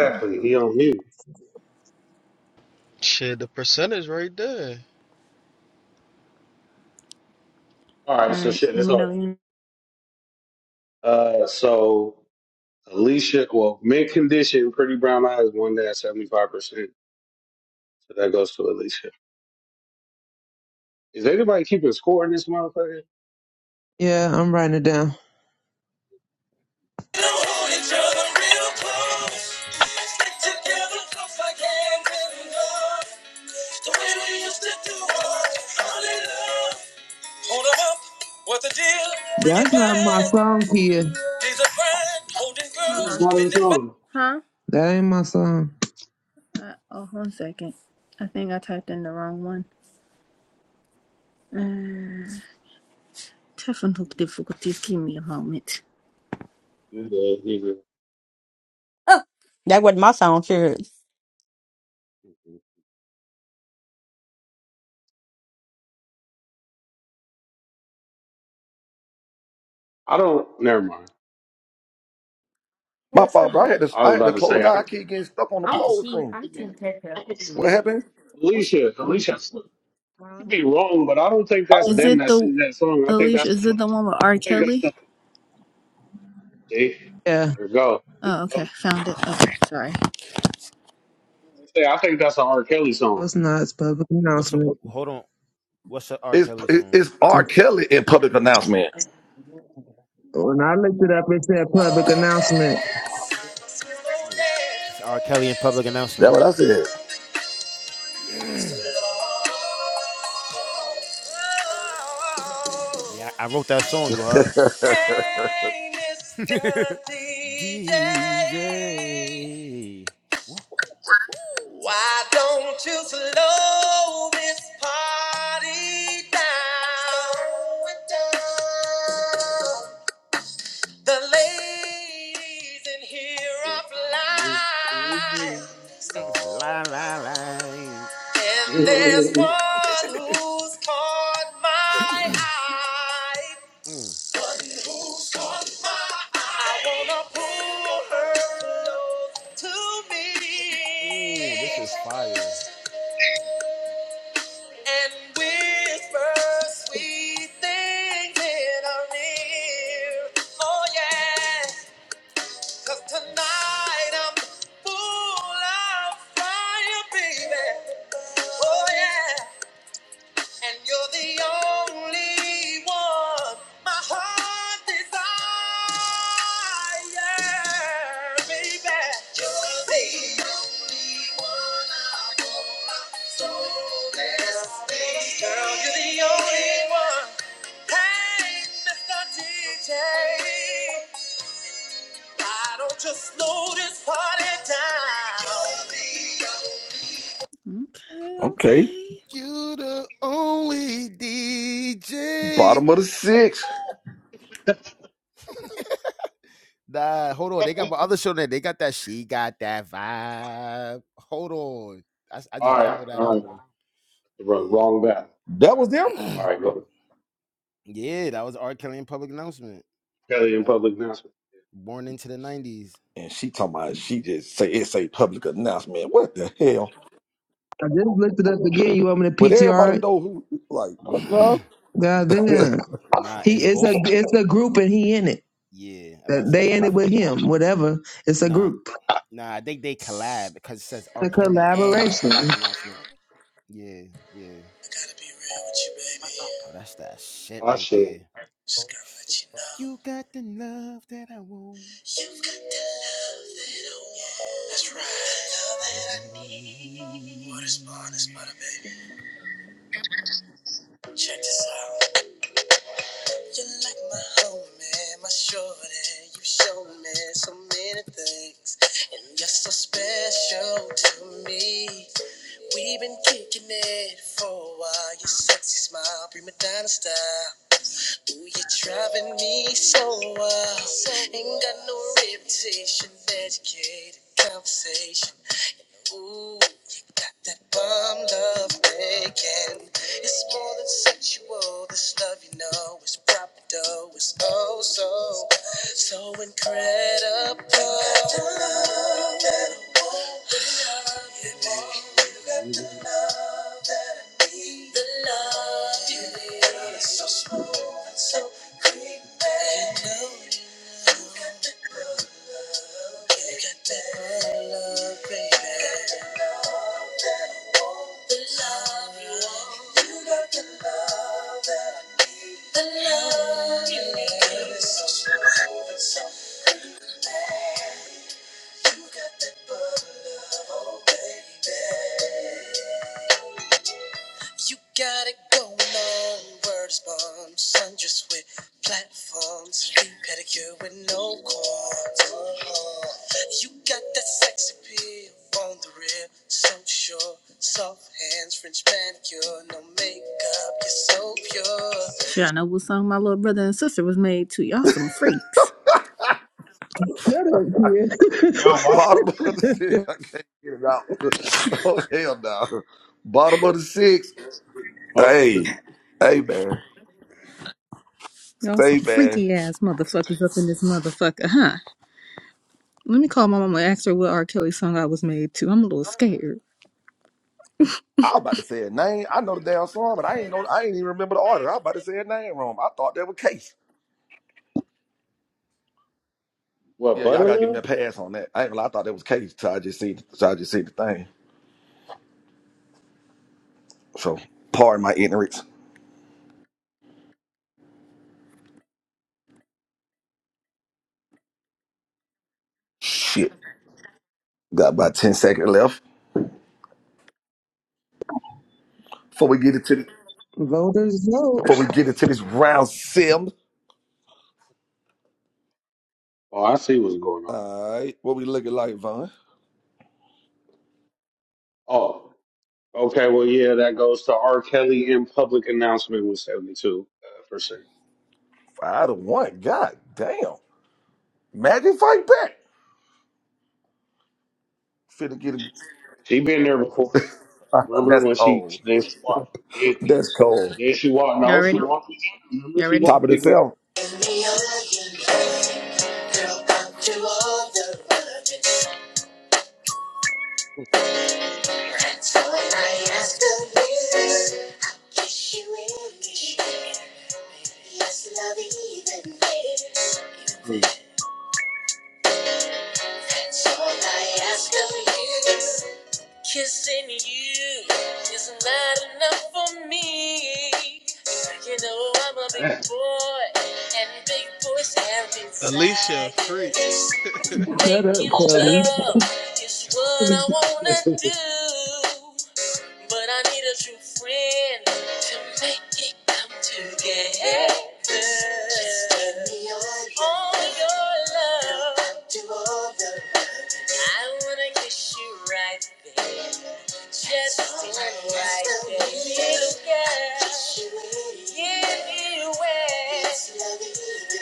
I: Oh, all
F: He on mute.
O: Shit, the percentage right there.
F: All right. So
I: right.
F: shit.
I: Let
F: That's
I: me know.
F: all.
I: when you-
F: Uh, so. Alicia, well, mid condition, pretty brown eyes, one day at 75%. So that goes to Alicia. Is anybody keeping score in this motherfucker?
C: Yeah, I'm writing it down.
I: Together, close like hand in glove. The way we used to do it. Hallelujah. Hold 'em up. What the deal? Bring it
C: That's not my
I: back.
C: song, Kia.
I: These are friend. Holding girls.
F: Who's
I: Hold on.
F: bothering
I: Bending back.
F: Tom?
I: Huh?
C: That ain't my song.
I: Uh, oh, one second. I think I typed in the wrong one. Uh, technical difficulties. Give me a moment.
F: You good, you good. I don't, never mind.
D: My fault, bro. I had to
F: I
D: I
F: was
D: had to
F: about to
D: close
F: say, I,
D: out. I keep getting stuck on the pole screen.
F: I,
D: What happened?
F: Alicia, Alicia, I
C: Huh?
F: could be wrong, but I don't think that's
I: Is
F: them
I: it
F: that
I: the
F: sings that song. I think
I: Alicia?
F: that's,
I: Is
F: I
I: it the one with R.
F: think that's
I: Kelly?
F: See,
C: Yeah,
F: there we go.
I: Oh, okay.
F: So,
I: Found it. Oh, sorry.
F: say, I think that's an R. Kelly
C: no,
F: song.
C: it's not. It's public
P: What's up?
C: announcement.
P: Hold on. What's up, R.
D: It's
P: Kelly song?
D: it's R. Kelly in public announcement.
C: When I looked it up, it said public
I: Hey,
C: announcement.
P: That's R. Kelly in public
D: That's
P: announcement.
D: what I said.
P: yeah, I wrote that song. You heard?
I: Mr. DJ,
P: DJ. woo hoo hoo
I: why don't you slow this party down? Slow it down. The ladies in here are fly.
P: La la la.
I: And there's
F: all
I: one who's caught my eye.
P: Mm.
I: I wanna pull her close to me
P: Ooh, this is fire.
I: and whisper sweet things in her ear. Oh yeah, 'cause tonight I'm full of fire, baby. Oh yeah. And you're the only one my heart desires, baby. You're the only one I want, so let's be. Girl, you're the only one. Hey, Mr. DJ, I don't just slow this party down. Okay,
D: Okay,
I: okay.
P: You the only DJ.
D: bottom of the six.
P: Nah, hold on. They got my other show there. They got that. She got that vibe. Hold on. I I just
F: right,
P: downloaded that
F: all right.
P: album.
F: Wrong,
P: Yeah.
F: wrong battle. Wrong
D: That was
F: battle.
D: them.
F: All right, go.
P: yeah, that was R. Kelly in public announcement.
F: Kelly in
P: Born,
F: public announcement.
P: born into the 90s.
D: And she talking about she just say it's a public announcement. What the hell?
C: I just looked it up again. You want me to
D: But everybody
C: PTR it?
D: know who like.
F: Ah,
D: Huh?
C: God damn.
P: nah,
C: He
P: it's
C: it's a
P: both.
C: it's a group and he in it.
P: Yeah, I about to say it's
C: They in it
P: both.
C: with him. Whatever. It's a
P: Nah,
C: group.
P: nah, I think they collab because it says R.
C: It's a
P: Kelly and
C: collaboration.
P: public announcement. Yeah, yeah.
I: I gotta be real with you, baby.
P: Oh, that's that shit
F: I
P: right
F: should.
P: there.
I: Just gotta let you know.
P: You got the love that I want.
I: You've got the love that I want. That's right. The love
P: Love
I: that I
P: that in
I: need. What is born is
P: me.
I: butter, baby. Check this out. You're like my homie, my shorty. You show me so many things. And you're so special to me. We've been kicking it for a while. Your sexy smile, prima donna style. Ooh, you're driving me so wild. Ain't got no reputation, educated conversation. Ooh, That bomb love making It's more than sexual. This love you know is proper though. It's oh so so incredible. You got the love that I want, the love you want. You got the love that I need. The love you need. Girl, it's so smooth and so creepy. You know you got the good love. You got that good love, baby. The love you want. You got the love that I need. The love. You got it going on. Words bomb, sundress with platforms, feet pedicure with no cords. Uh-huh. You got that sex appeal on the real, so sure. Soft hands, French manicure, no makeup, you're so pure. Y'all know what song my little brother and sister was made to. Y'all some freaks.
C: Shut up, kid.
F: Yo, what?
D: Bottom of the six. I can't get it out. Oh hell no. Bottom of the six.
F: Most of
D: Hey.
F: the
D: Hey man.
I: Y'all
D: Say
I: some
D: man.
I: freaky ass motherfuckers up in this motherfucker, huh? Let me call my mama and ask her what R. Kelly song I was made to. I'm a little scared.
D: I was about to say a name. I know the damn song, but I ain't know I ain't even remember the artist. I was about to say a name wrong. I thought that was Case.
F: What
D: Yeah, y'all gotta give me a
F: Butterlove?
D: pass on that. I ain't gonna lie, I thought that was Case till I just see till I just see the thing. So pardon my ignorance. Shit. Got about 10 seconds left. Before we get into the,
C: Voters vote.
D: before we get into this round sim.
F: Oh, I see what's going on.
D: All right, what we looking like, Von?
F: Oh, okay. Well, yeah, that goes to R. Kelly in public announcement with seventy two percent.
D: Five to one. God damn. Magic fight back. Finna get a.
F: She been there before. Remember
D: That's
F: when she
D: cold.
F: then she walked then she,
D: That's cold.
F: then she walked
I: Y'all
F: no she
I: ready?
F: walked his ass. Remember
I: Y'all
F: she
I: ready?
D: Top
F: walked
D: of the
F: his ass.
D: seven.
F: Yeah, mm,
I: Kissing you is not enough for me. You know I'm a big
F: that.
I: boy, and big boys have
O: Alicia, a freak.
I: desires.
C: Shut up,
I: Making
C: Tommy.
I: love is what I wanna do, but I need a true friend to make it come together. All your love, I wanna kiss you right there. Just doing right that little girl. Give it away,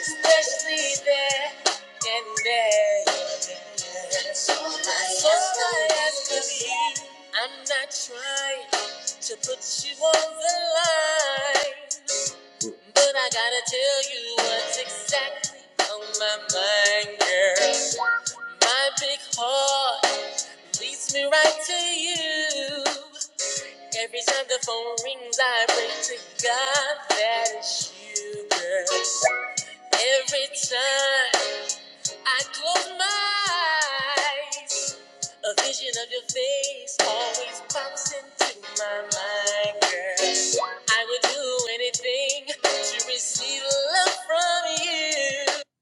I: especially there and there. That's all I ask of you, I'm not trying to put you on the line, but I gotta tell you what's exactly on my mind, girl. My big heart leads me right to you. Every time the phone rings, I pray to God that it's you, girl. Every time I close my eyes, a vision of your face always pops into my mind, girl. I would do anything to receive love from you.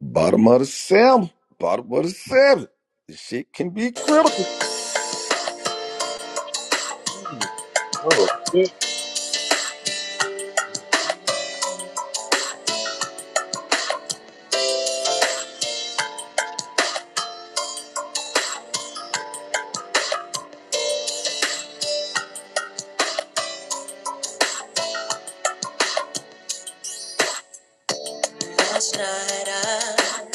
D: Bottom of the seven. Bottom of the seven. This shit can be critical.
F: Mm, oh. yeah.
I: Last night I,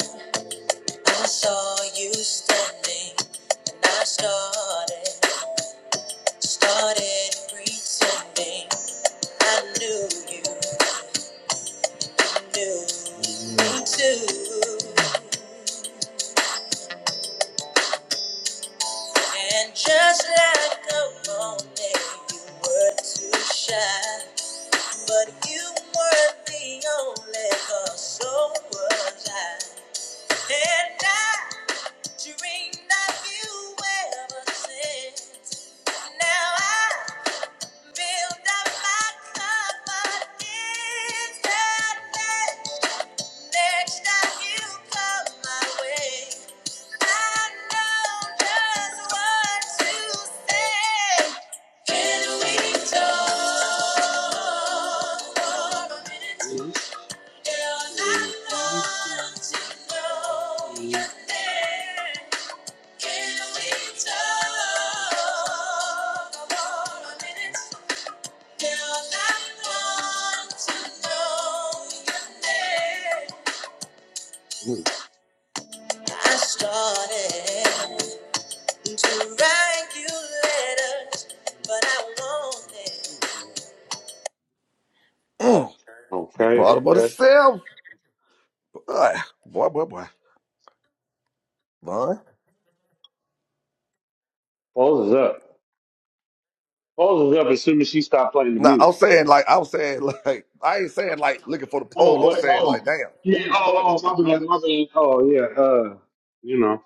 I: I saw you standing, and I started, started pretending. I knew you knew me too. And just like a moment, you were too shy. But you were the only cause, so was I. And I dreamed of you ever since. Now I build up my confidence. Next time you come my way, I know just what to say. Can we talk for a minute? I want to know your name. Can we talk for a minute? Girl, I want to know your name. I started to write you letters, but I wanted.
D: Mm.
F: Okay,
D: Bottom of the
F: okay.
D: seven. Boy, boy, boy. boy. Boy.
F: Pose is up. Pose is up as soon as she stopped playing the
D: Nah, I'm
F: music.
D: saying like I'm saying like I ain't saying like looking for the poll.
F: Oh,
D: I'm
F: what?
D: saying like
F: Oh,
D: damn.
F: yeah. Oh, oh, my bad, my bad. Oh, yeah. Uh, you know,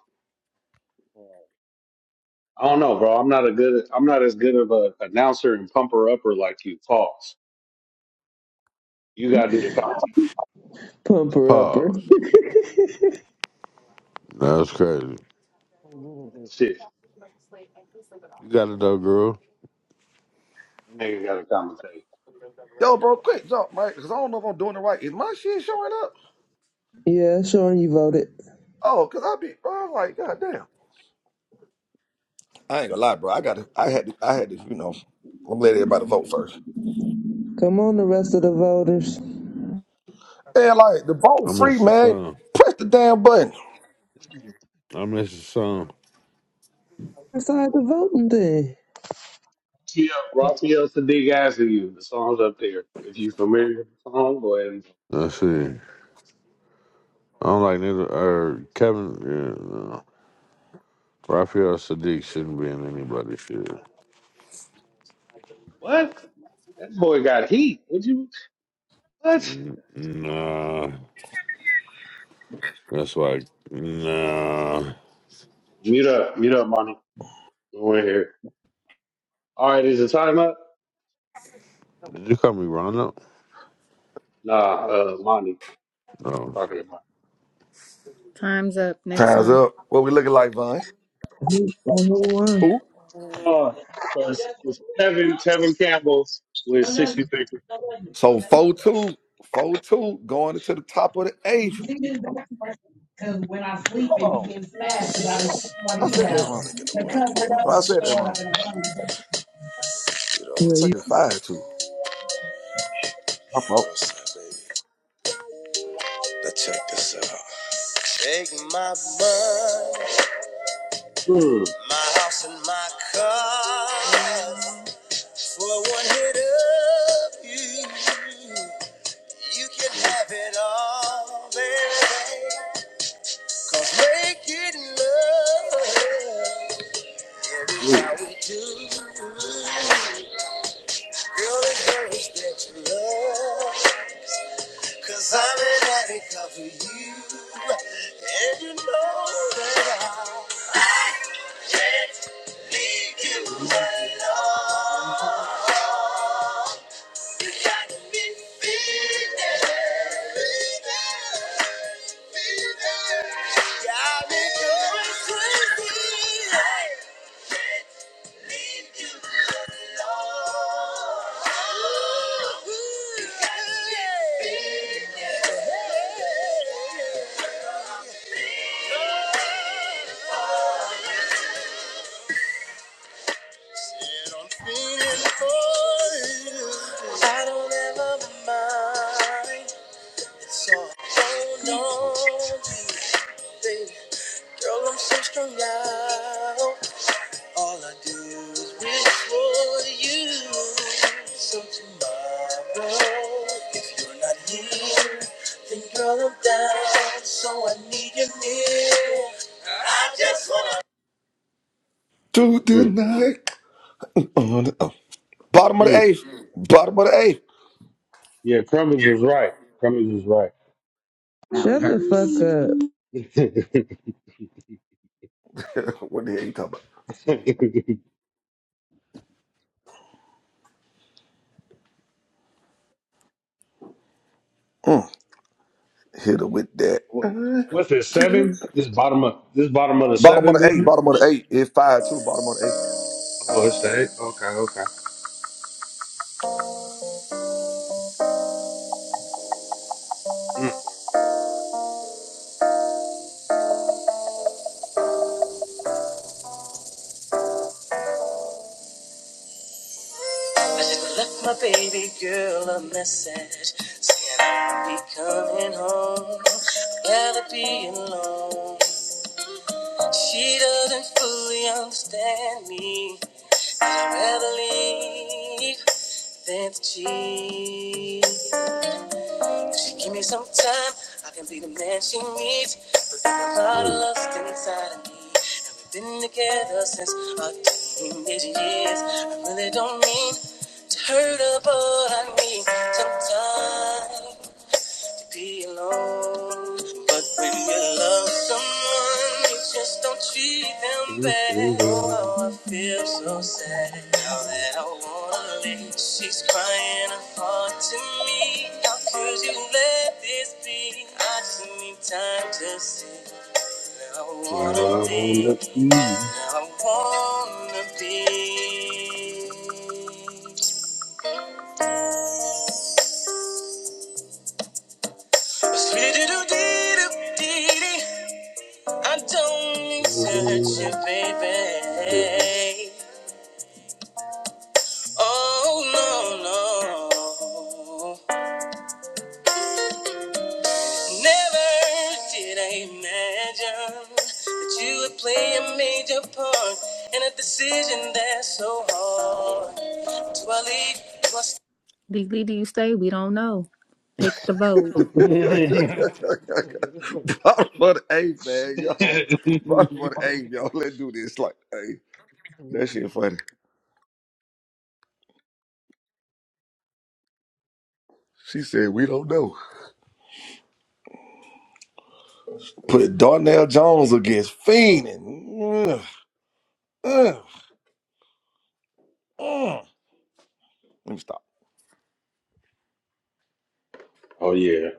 F: I don't know, bro. I'm not a good. I'm not as good of a announcer and pumper upper like you. Pause. You gotta do the content.
C: Pumper upper.
H: Pause. That's crazy.
F: Shit,
H: You got it though, Groove.
F: nigga gotta commentate.
D: Yo, bro, quick jump, right? Cause I don't know if I'm doing it right. Is my shit showing up?
C: Yeah, Sean, you voted.
D: Oh, cause I be bro, I'm like, god damn. I ain't gonna lie, bro. I got to, I had to, I had to, you know, I'm let everybody vote first.
C: Come on, the rest of the voters.
D: Yeah, like the vote
H: I
D: free,
H: missed the
D: man.
H: song.
D: Press the damn button.
H: I missed the song.
C: Inside the voting thing.
F: Yeah, Raphael Sadiq asking you. The song's up there. If you familiar with the song, go ahead. And,
H: Let's see. I don't like neither. Or Kevin, yeah, no. Raphael Sadiq shouldn't be in anybody's shit.
F: what? That boy got heat. Would you? What?
H: N- Nah, that's like nah.
F: Mute up. Mute up, Monty. We're in here. All right, is the time up?
H: Did you call me Rondo?
F: Nah, uh, Monty. I'm
H: No.
F: talking to Monty.
I: Time's up. Next
D: Time's
I: song.
D: up. What we looking like, Vine?
C: Who- on who won?
D: Who?
F: Oh, so it's, it's Tevin, Tevin Campbell with 63.
D: So four two, four two, going into the top of the eighth. Hold on, I
I: All
D: said that
I: the
D: wrong.
I: chronic in the world can even
D: No, I said that
I: message
D: wrong.
I: you. you the
C: Yeah,
D: It's like
C: you-
I: ultimate.
D: it's five two. My
I: You know
D: fault.
I: what I'm saying, baby? Now check this out. Take my money,
F: Mm.
I: my house and my car
F: Mm.
I: for one hit of you. You can have it all, baby. Cause making love. It's how
F: Mm.
I: we do. Girl, the girl is that you love. i I'm an addict of you. And you know that I, I can't leave you
F: Mm.
I: alone. I don't ever mind. It's all on you baby. Girl, I'm so strung out. All I do is wish for you. So tomorrow, if you're not here, then girl, I'm down. So I need you near. I just wanna.
D: To the
F: Mm.
D: night on the oh. bottom of the
F: mm.
D: eighth. Bottom of the eighth.
F: Yeah, Crummins is right. Crummins is right.
C: Shut the fuck up.
D: what the hell you talking about? Mm, hit her with that. Uh,
F: What's it, seven? This bottom of this bottom of the
D: Bottom of
F: seven,
D: the eight.
F: didn't
D: Bottom of the eight. It's five two. Bottom of the eight.
F: Oh, it's the eight. Okay, okay. Mm.
I: I just left my baby girl a message saying I'll be coming home. I Gotta be alone. She doesn't fully understand me. I'd rather leave. Since she give me some time, I can be the man she needs. But there's a lot of
F: Mm.
I: lust inside of me, and we've been together since our teenage years. I really don't mean to hurt her, but I need some time be alone. But when you love someone, you just don't treat them
F: Mm.
I: bad.
F: Mm. mm.
I: Oh, how I feel so sad. Now that I wanna leave, she's crying her heart to me. How could you let this be? I just need time to see where I
F: Where I
I: wanna be.
F: wanna be.
I: Where I wanna be. I don't need searching, baby. Oh, no, no. Never did I imagine that you would play a major part in a decision that's so hard. Do I leave? Do I stay? Legally, do you stay? We don't know. Pick the vote.
F: oh
D: Bottom of the eighth, man, yo. Bottom of the eighth, yo. Let's do this. Like, hey, that shit funny. She said, we don't know. Put Darnell Jones against Feenan. Ugh, ugh, ugh. Let me stop.
F: yeah.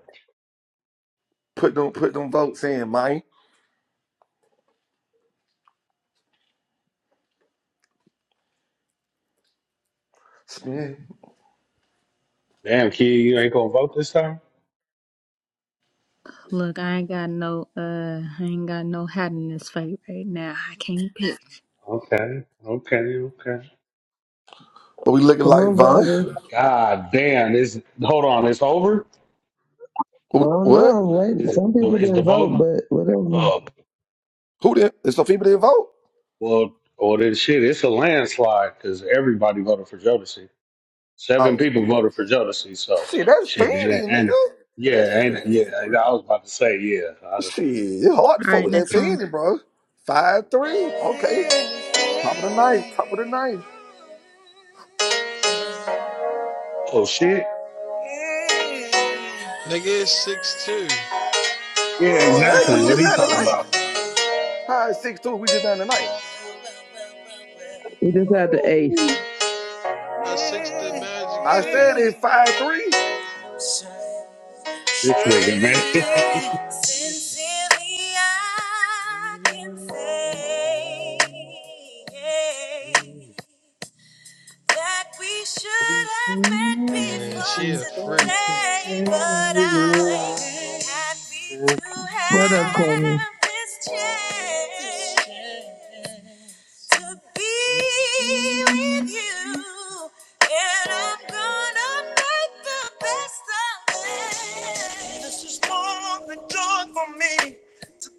D: Put them, put them votes in, man. Spin.
F: Damn, kid, you ain't gonna vote this time?
I: Look, I ain't got no, uh, I ain't got no hat in this fight right now. I can't pick.
F: Okay, okay, okay.
D: What we looking
C: Come
D: like,
C: on,
D: Von?
C: voters.
F: God damn, this hold on, it's over?
C: I
D: Who-
C: don't
D: What?
C: know. Wait,
F: Is it
C: some
F: the
C: people
F: is the
C: didn't vote,
F: vote
C: but whatever.
F: uh
D: Who did? Is some people didn't vote?
F: well well then shit, it's a landslide because everybody voted for Jodeci. Seven
D: Oh,
F: people voted for Jodeci, so
D: shit, that's
F: shit, it ain't-
D: Feenan,
F: and
D: nigga. That's
F: yeah, and yeah,
D: Feenan.
F: I was about to say, yeah. I,
D: Shit, it's hard to
I: All
D: fuck
I: right,
D: with
F: just,
D: that
I: next song.
D: Feenan, bro. Five three. Okay. Top of the knife, top of the knife.
F: Oh shit.
O: Nigga is six two.
F: Yeah,
D: No, it ain't. We
F: exactly. What
D: just
F: are you
D: not in the
F: talking
D: knife.
F: about?
D: High six two, we just not in the knife.
C: We just had the ace.
O: I 6 the magic
D: I
O: too.
D: said it's five three.
F: This nigga, man.
I: Sincerely, I can say that we
F: We
I: should have met
F: sing a
O: Yeah,
I: before
O: she
F: happy
O: a
F: song
O: freak.
F: to
I: today,
F: say
I: but
F: we happy.
I: I'm happy to
C: Shut up, Tommy.
I: have this chance. to be with you, and I'm gonna make the best of it. This is more than joy for me.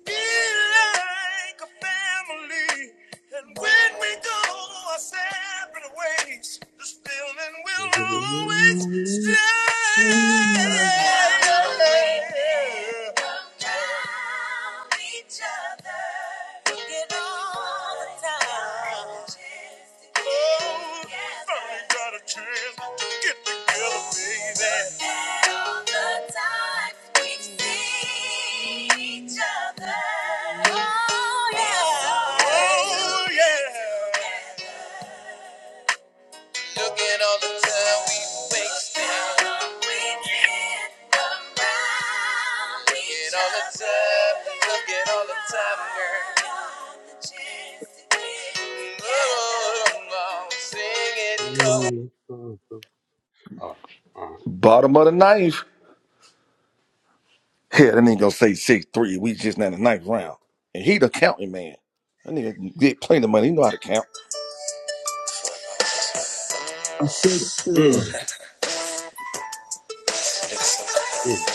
I: Feel like a family. And when we go our separate ways, this feeling will always stay. Around each other, looking all the time. Oh, Look at all the time we wasted. Look at all the time. Look at all the time, girl. Oh, oh, oh, sing it, go.
F: Oh, oh.
D: Bottom of the knife. Hell, that nigga gonna say six three. We just not in the knife round. And he the counting man. That nigga get plenty of money. He know how to count.
C: Six
F: Mm,
C: two.
F: mm, mm,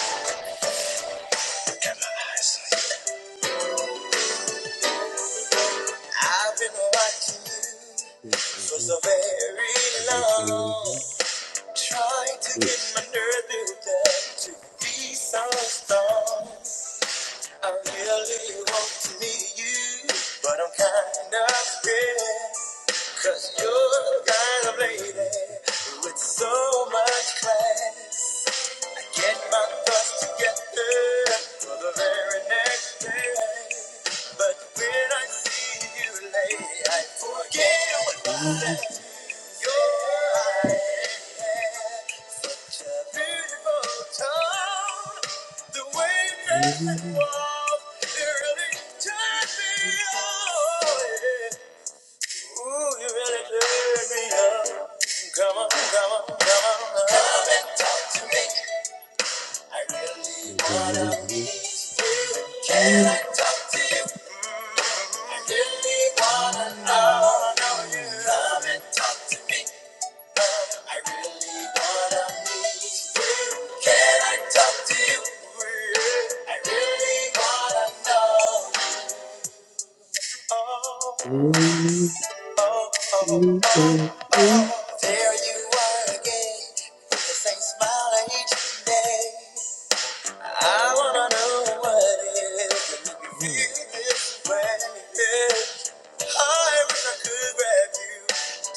I: I've been watching you for
F: mm,
I: so very
F: mm. mm,
I: long. Trying to
F: mm, mm,
I: get my nerve built up to be so strong. I really want to meet you, but I'm kind of scared. you you're the kind of
F: mm.
I: lady with so much class. Get my thoughts together for the very next day. But when I see you late, I forget what
F: That's
I: I said. Come on, come on, come on, come and talk to me. I really wanna meet you. Can I talk to you? I really wanna know, know you. Come and talk to me. I really wanna meet you. Can I talk to you? I really wanna know. Oh, oh, oh, oh, oh. There you are again, with the same smile each day. I wanna know what it is that make you feel this way. I wish I could grab you,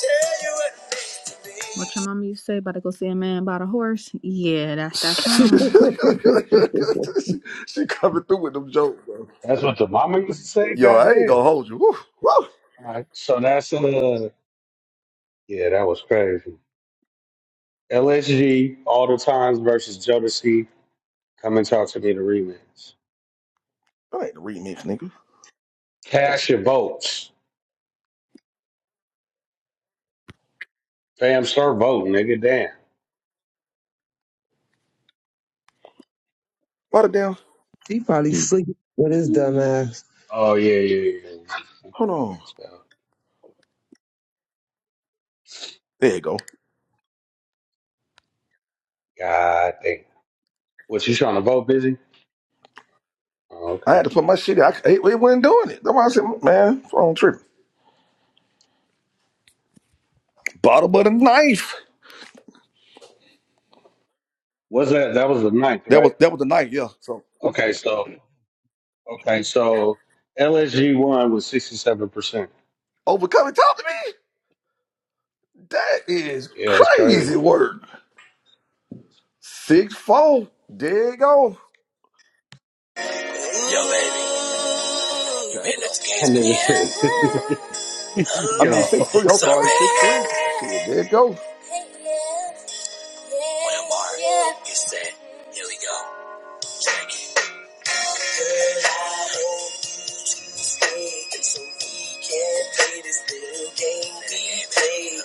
I: tell you what it means to me. What your mama used to say about to go see a man about a horse? Yeah, that's that
D: she,
I: song.
D: she coming through with them jokes, bro.
F: what the mama used to say.
D: Yo, I ain't gonna
F: Goddamn.
D: hold you. Woo,
F: All
D: woo.
F: right. So that's uh. Yeah, that was crazy. LSG all the times versus Jodeci. Come and talk to me the rematch.
D: I ain't the remix, nigga.
F: Cash your votes, fam. Start voting, nigga. Damn.
D: Write it down.
C: he probably sleep with his dumb ass.
F: Oh yeah, yeah, yeah.
D: Hold on.
F: yeah.
D: There you go.
F: God damn. Was you trying to vote, busy? Oh,
D: I
F: okay.
D: had to put my shit. in. I, it, it wasn't doing it. That's why I said, man, phone trip. Bottle but a knife.
F: Was that that was the ninth,
D: That
F: right?
D: was that was the knife, yeah. So
F: Okay, so okay, so LSG won with sixty seven percent.
D: overcoming talk to me. That is
F: Yeah, that's crazy.
D: crazy work. Six four. There you go.
I: Yo, baby, you
D: Damn.
I: better let the
F: That
I: games
F: nigga says,
I: begin.
D: I
I: Oh,
D: mean
F: yo,
I: baby,
D: six three. I'm
F: oh,
I: 'cause I'm
D: sorry, six three.
I: ready.
D: Shit, there you go.
I: When I'm hard, you said, here we go. Girl, I hope you two stay so we can play this little game we play.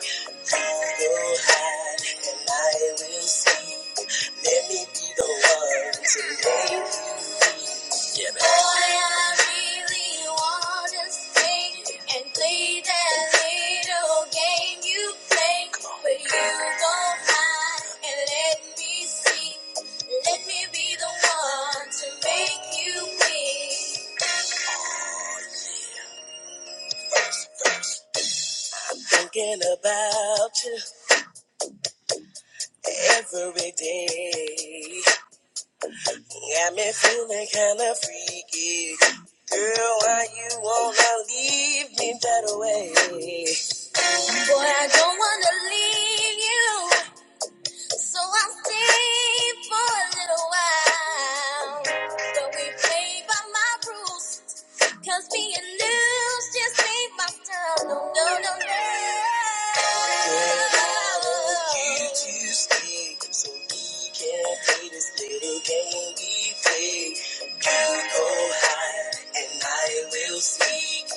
I: You will hide and I will see. Let me be the one to make yeah, man. All I really want is faith and play that little game you play. But you don't hide and let me see. Let me be the one to make you big. Thinking about you every day. Got me feeling kinda freaky. Girl, why you wanna leave me that way? Boy, I don't wanna leave you. So I stayed for a little while, but we played by my rules. Cause being loose just ain't my style. No, no, no, no. Girl, you too sweet, so we can play this little game we play. You go high and I will seek.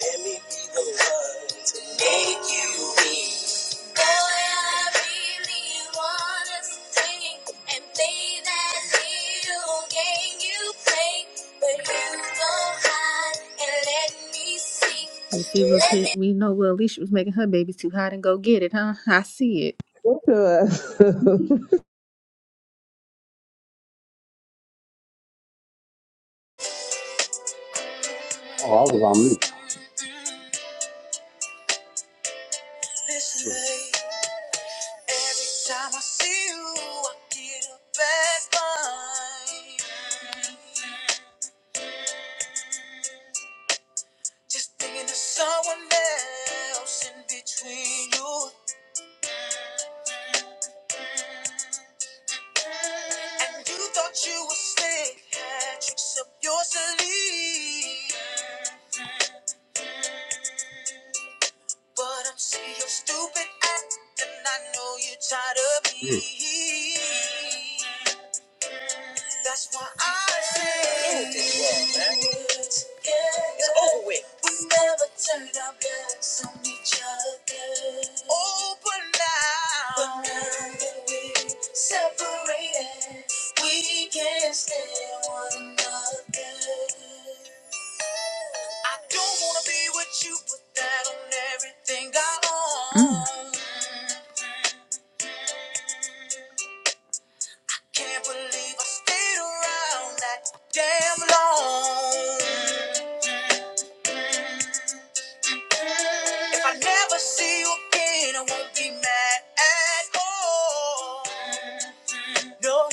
I: Let me be the one to make you weak really and play that If you were put, we know well Alicia was making her baby too hot and go get it, huh? I see it.
C: and
F: I was on mute.
I: Listen, babe, every time I see you, I get a bad vibe. Just thinking of someone else in between you. You thought you were slick, had tricks up your sleeve. But I'm sick of your stupid act, and I know you're tired of
F: Mm,
I: me. That's why I End this world, man. It's over with. We never turned our backs on each other. Oh, but now, but now that we separated, we can't stand one another. I don't wanna be with you, put that on everything I own. Mm. Can't believe I stayed around that damn long. If I never see you again, I won't be mad at all. No,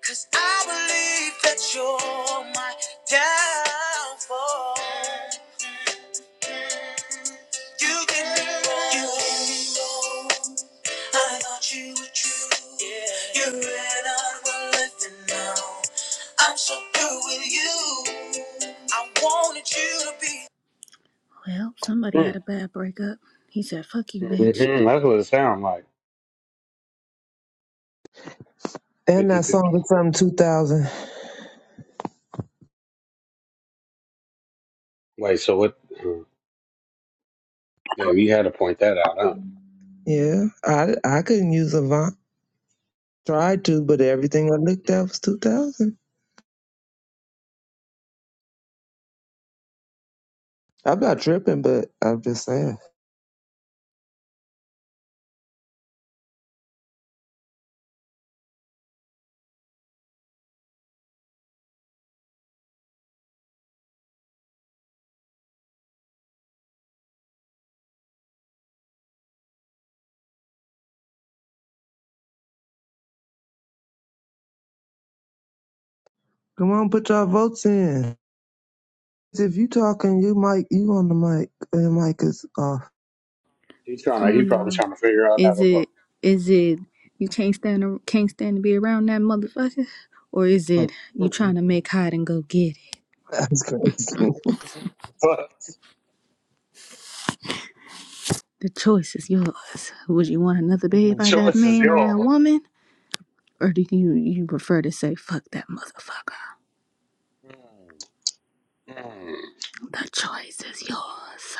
I: 'cause I believe that you're my downfall. You did me wrong. You did me wrong. I thought you were true. Yeah. You ran out one left and now I'm so through with you. I wanted you to be. Well, somebody had
F: mm, mm,
I: a bad breakup. He said, "Fuck you,
F: mm,
I: bitch."
F: mm. That's what it sounds like. Fifty
C: that
F: fifty.
C: song is from 2000.
F: Wait, so what? mm. Yeah, you had to point that out, huh?
C: Yeah, I I couldn't use Avant. Tried to, but everything I looked at was 2000. I'm not tripping, but I'm just saying. Come on, put your votes in. If you talking, you mic, you on the mic, and the mic is off.
F: He's trying to.
I: Come
F: He
I: on,
F: probably
I: y'all.
F: trying to figure out how
I: Is
F: to vote.
I: it? Is it? You can't stand. a- Can't stand to be around that motherfucker. Or is it
F: Mm,
I: you trying to
F: mm,
I: make hide and go get it?
C: That's crazy.
F: mm. Fuck,
I: The choice is yours. Would you want another baby
F: the
I: by that
F: choice is
I: man or that
F: yours.
I: woman? Or do you you prefer to say fuck that motherfucker?
F: Mm, mm.
I: The choice is yours.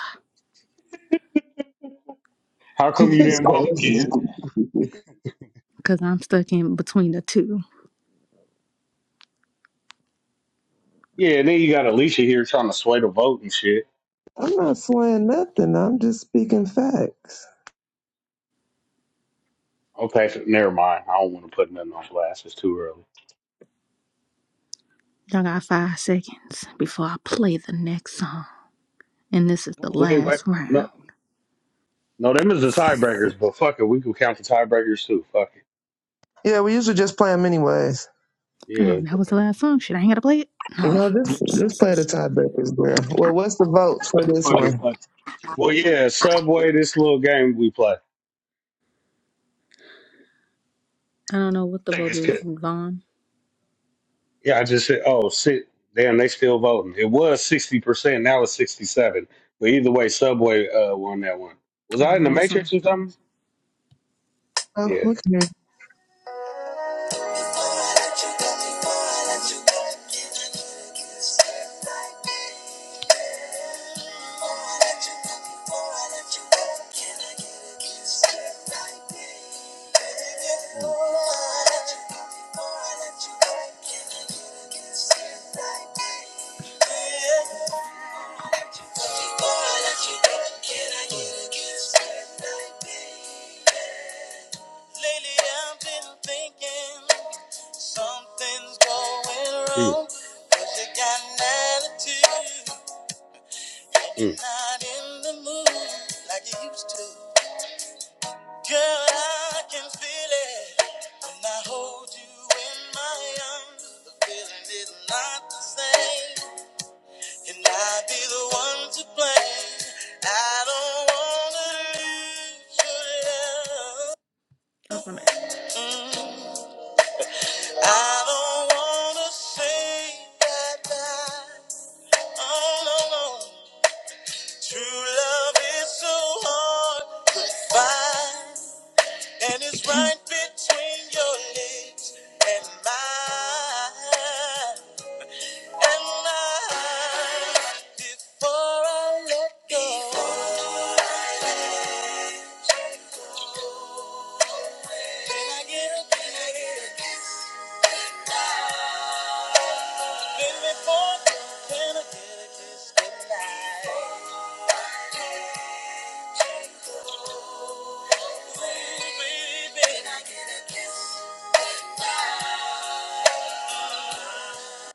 F: How come you
C: It's
F: didn't vote,
C: crazy.
F: Ken?
I: Because I'm stuck in between the two.
F: Yeah, and then you got Alicia here trying to sway the vote and shit.
C: I'm not slaying nothing. I'm just speaking facts.
F: Okay, so never mind. I don't want to put nothing on blast. It's too early.
I: Y'all got five seconds before I play the next song. And this is the
F: Oh, wait, wait.
I: last
F: No,
I: round.
F: no, them is the tiebreakers, but fuck it. We can count the tiebreakers too. Fuck it.
C: Yeah, we usually just play them anyways.
I: Oh,
F: Yeah.
I: that was the last song. Shit, I ain't got to play it? No.
C: No, just
I: I
C: just play the tiebreakers, girl. Well, what's the vote for this
F: Fuck it,
C: one?
F: fuck Well, yeah, Subway, this little game we play. I
I: don't know what the
F: think
I: vote
F: it's
I: is.
F: good.
I: Vaughn?
F: Yeah, I just said, oh, sit. Damn, they still voting. It was 60%. Now it's 67 But either way, Subway uh, won that one. Was
I: All
F: I
I: right,
F: in the
I: next song.
F: Matrix or something?
C: Oh,
F: Yeah.
C: okay.
I: Lately I've been thinking something's going
F: Mm,
I: wrong. you got attitude and you're
F: mm,
I: not in the mood like you used to. Girl, I can feel it when I hold you in my arms. The feeling is not the same. Can I be the one to blame? I don't wanna lose your love. That's my Mm, I don't wanna say goodbye. Oh no no. True love is so hard to find, and it's right between your lips and mine. And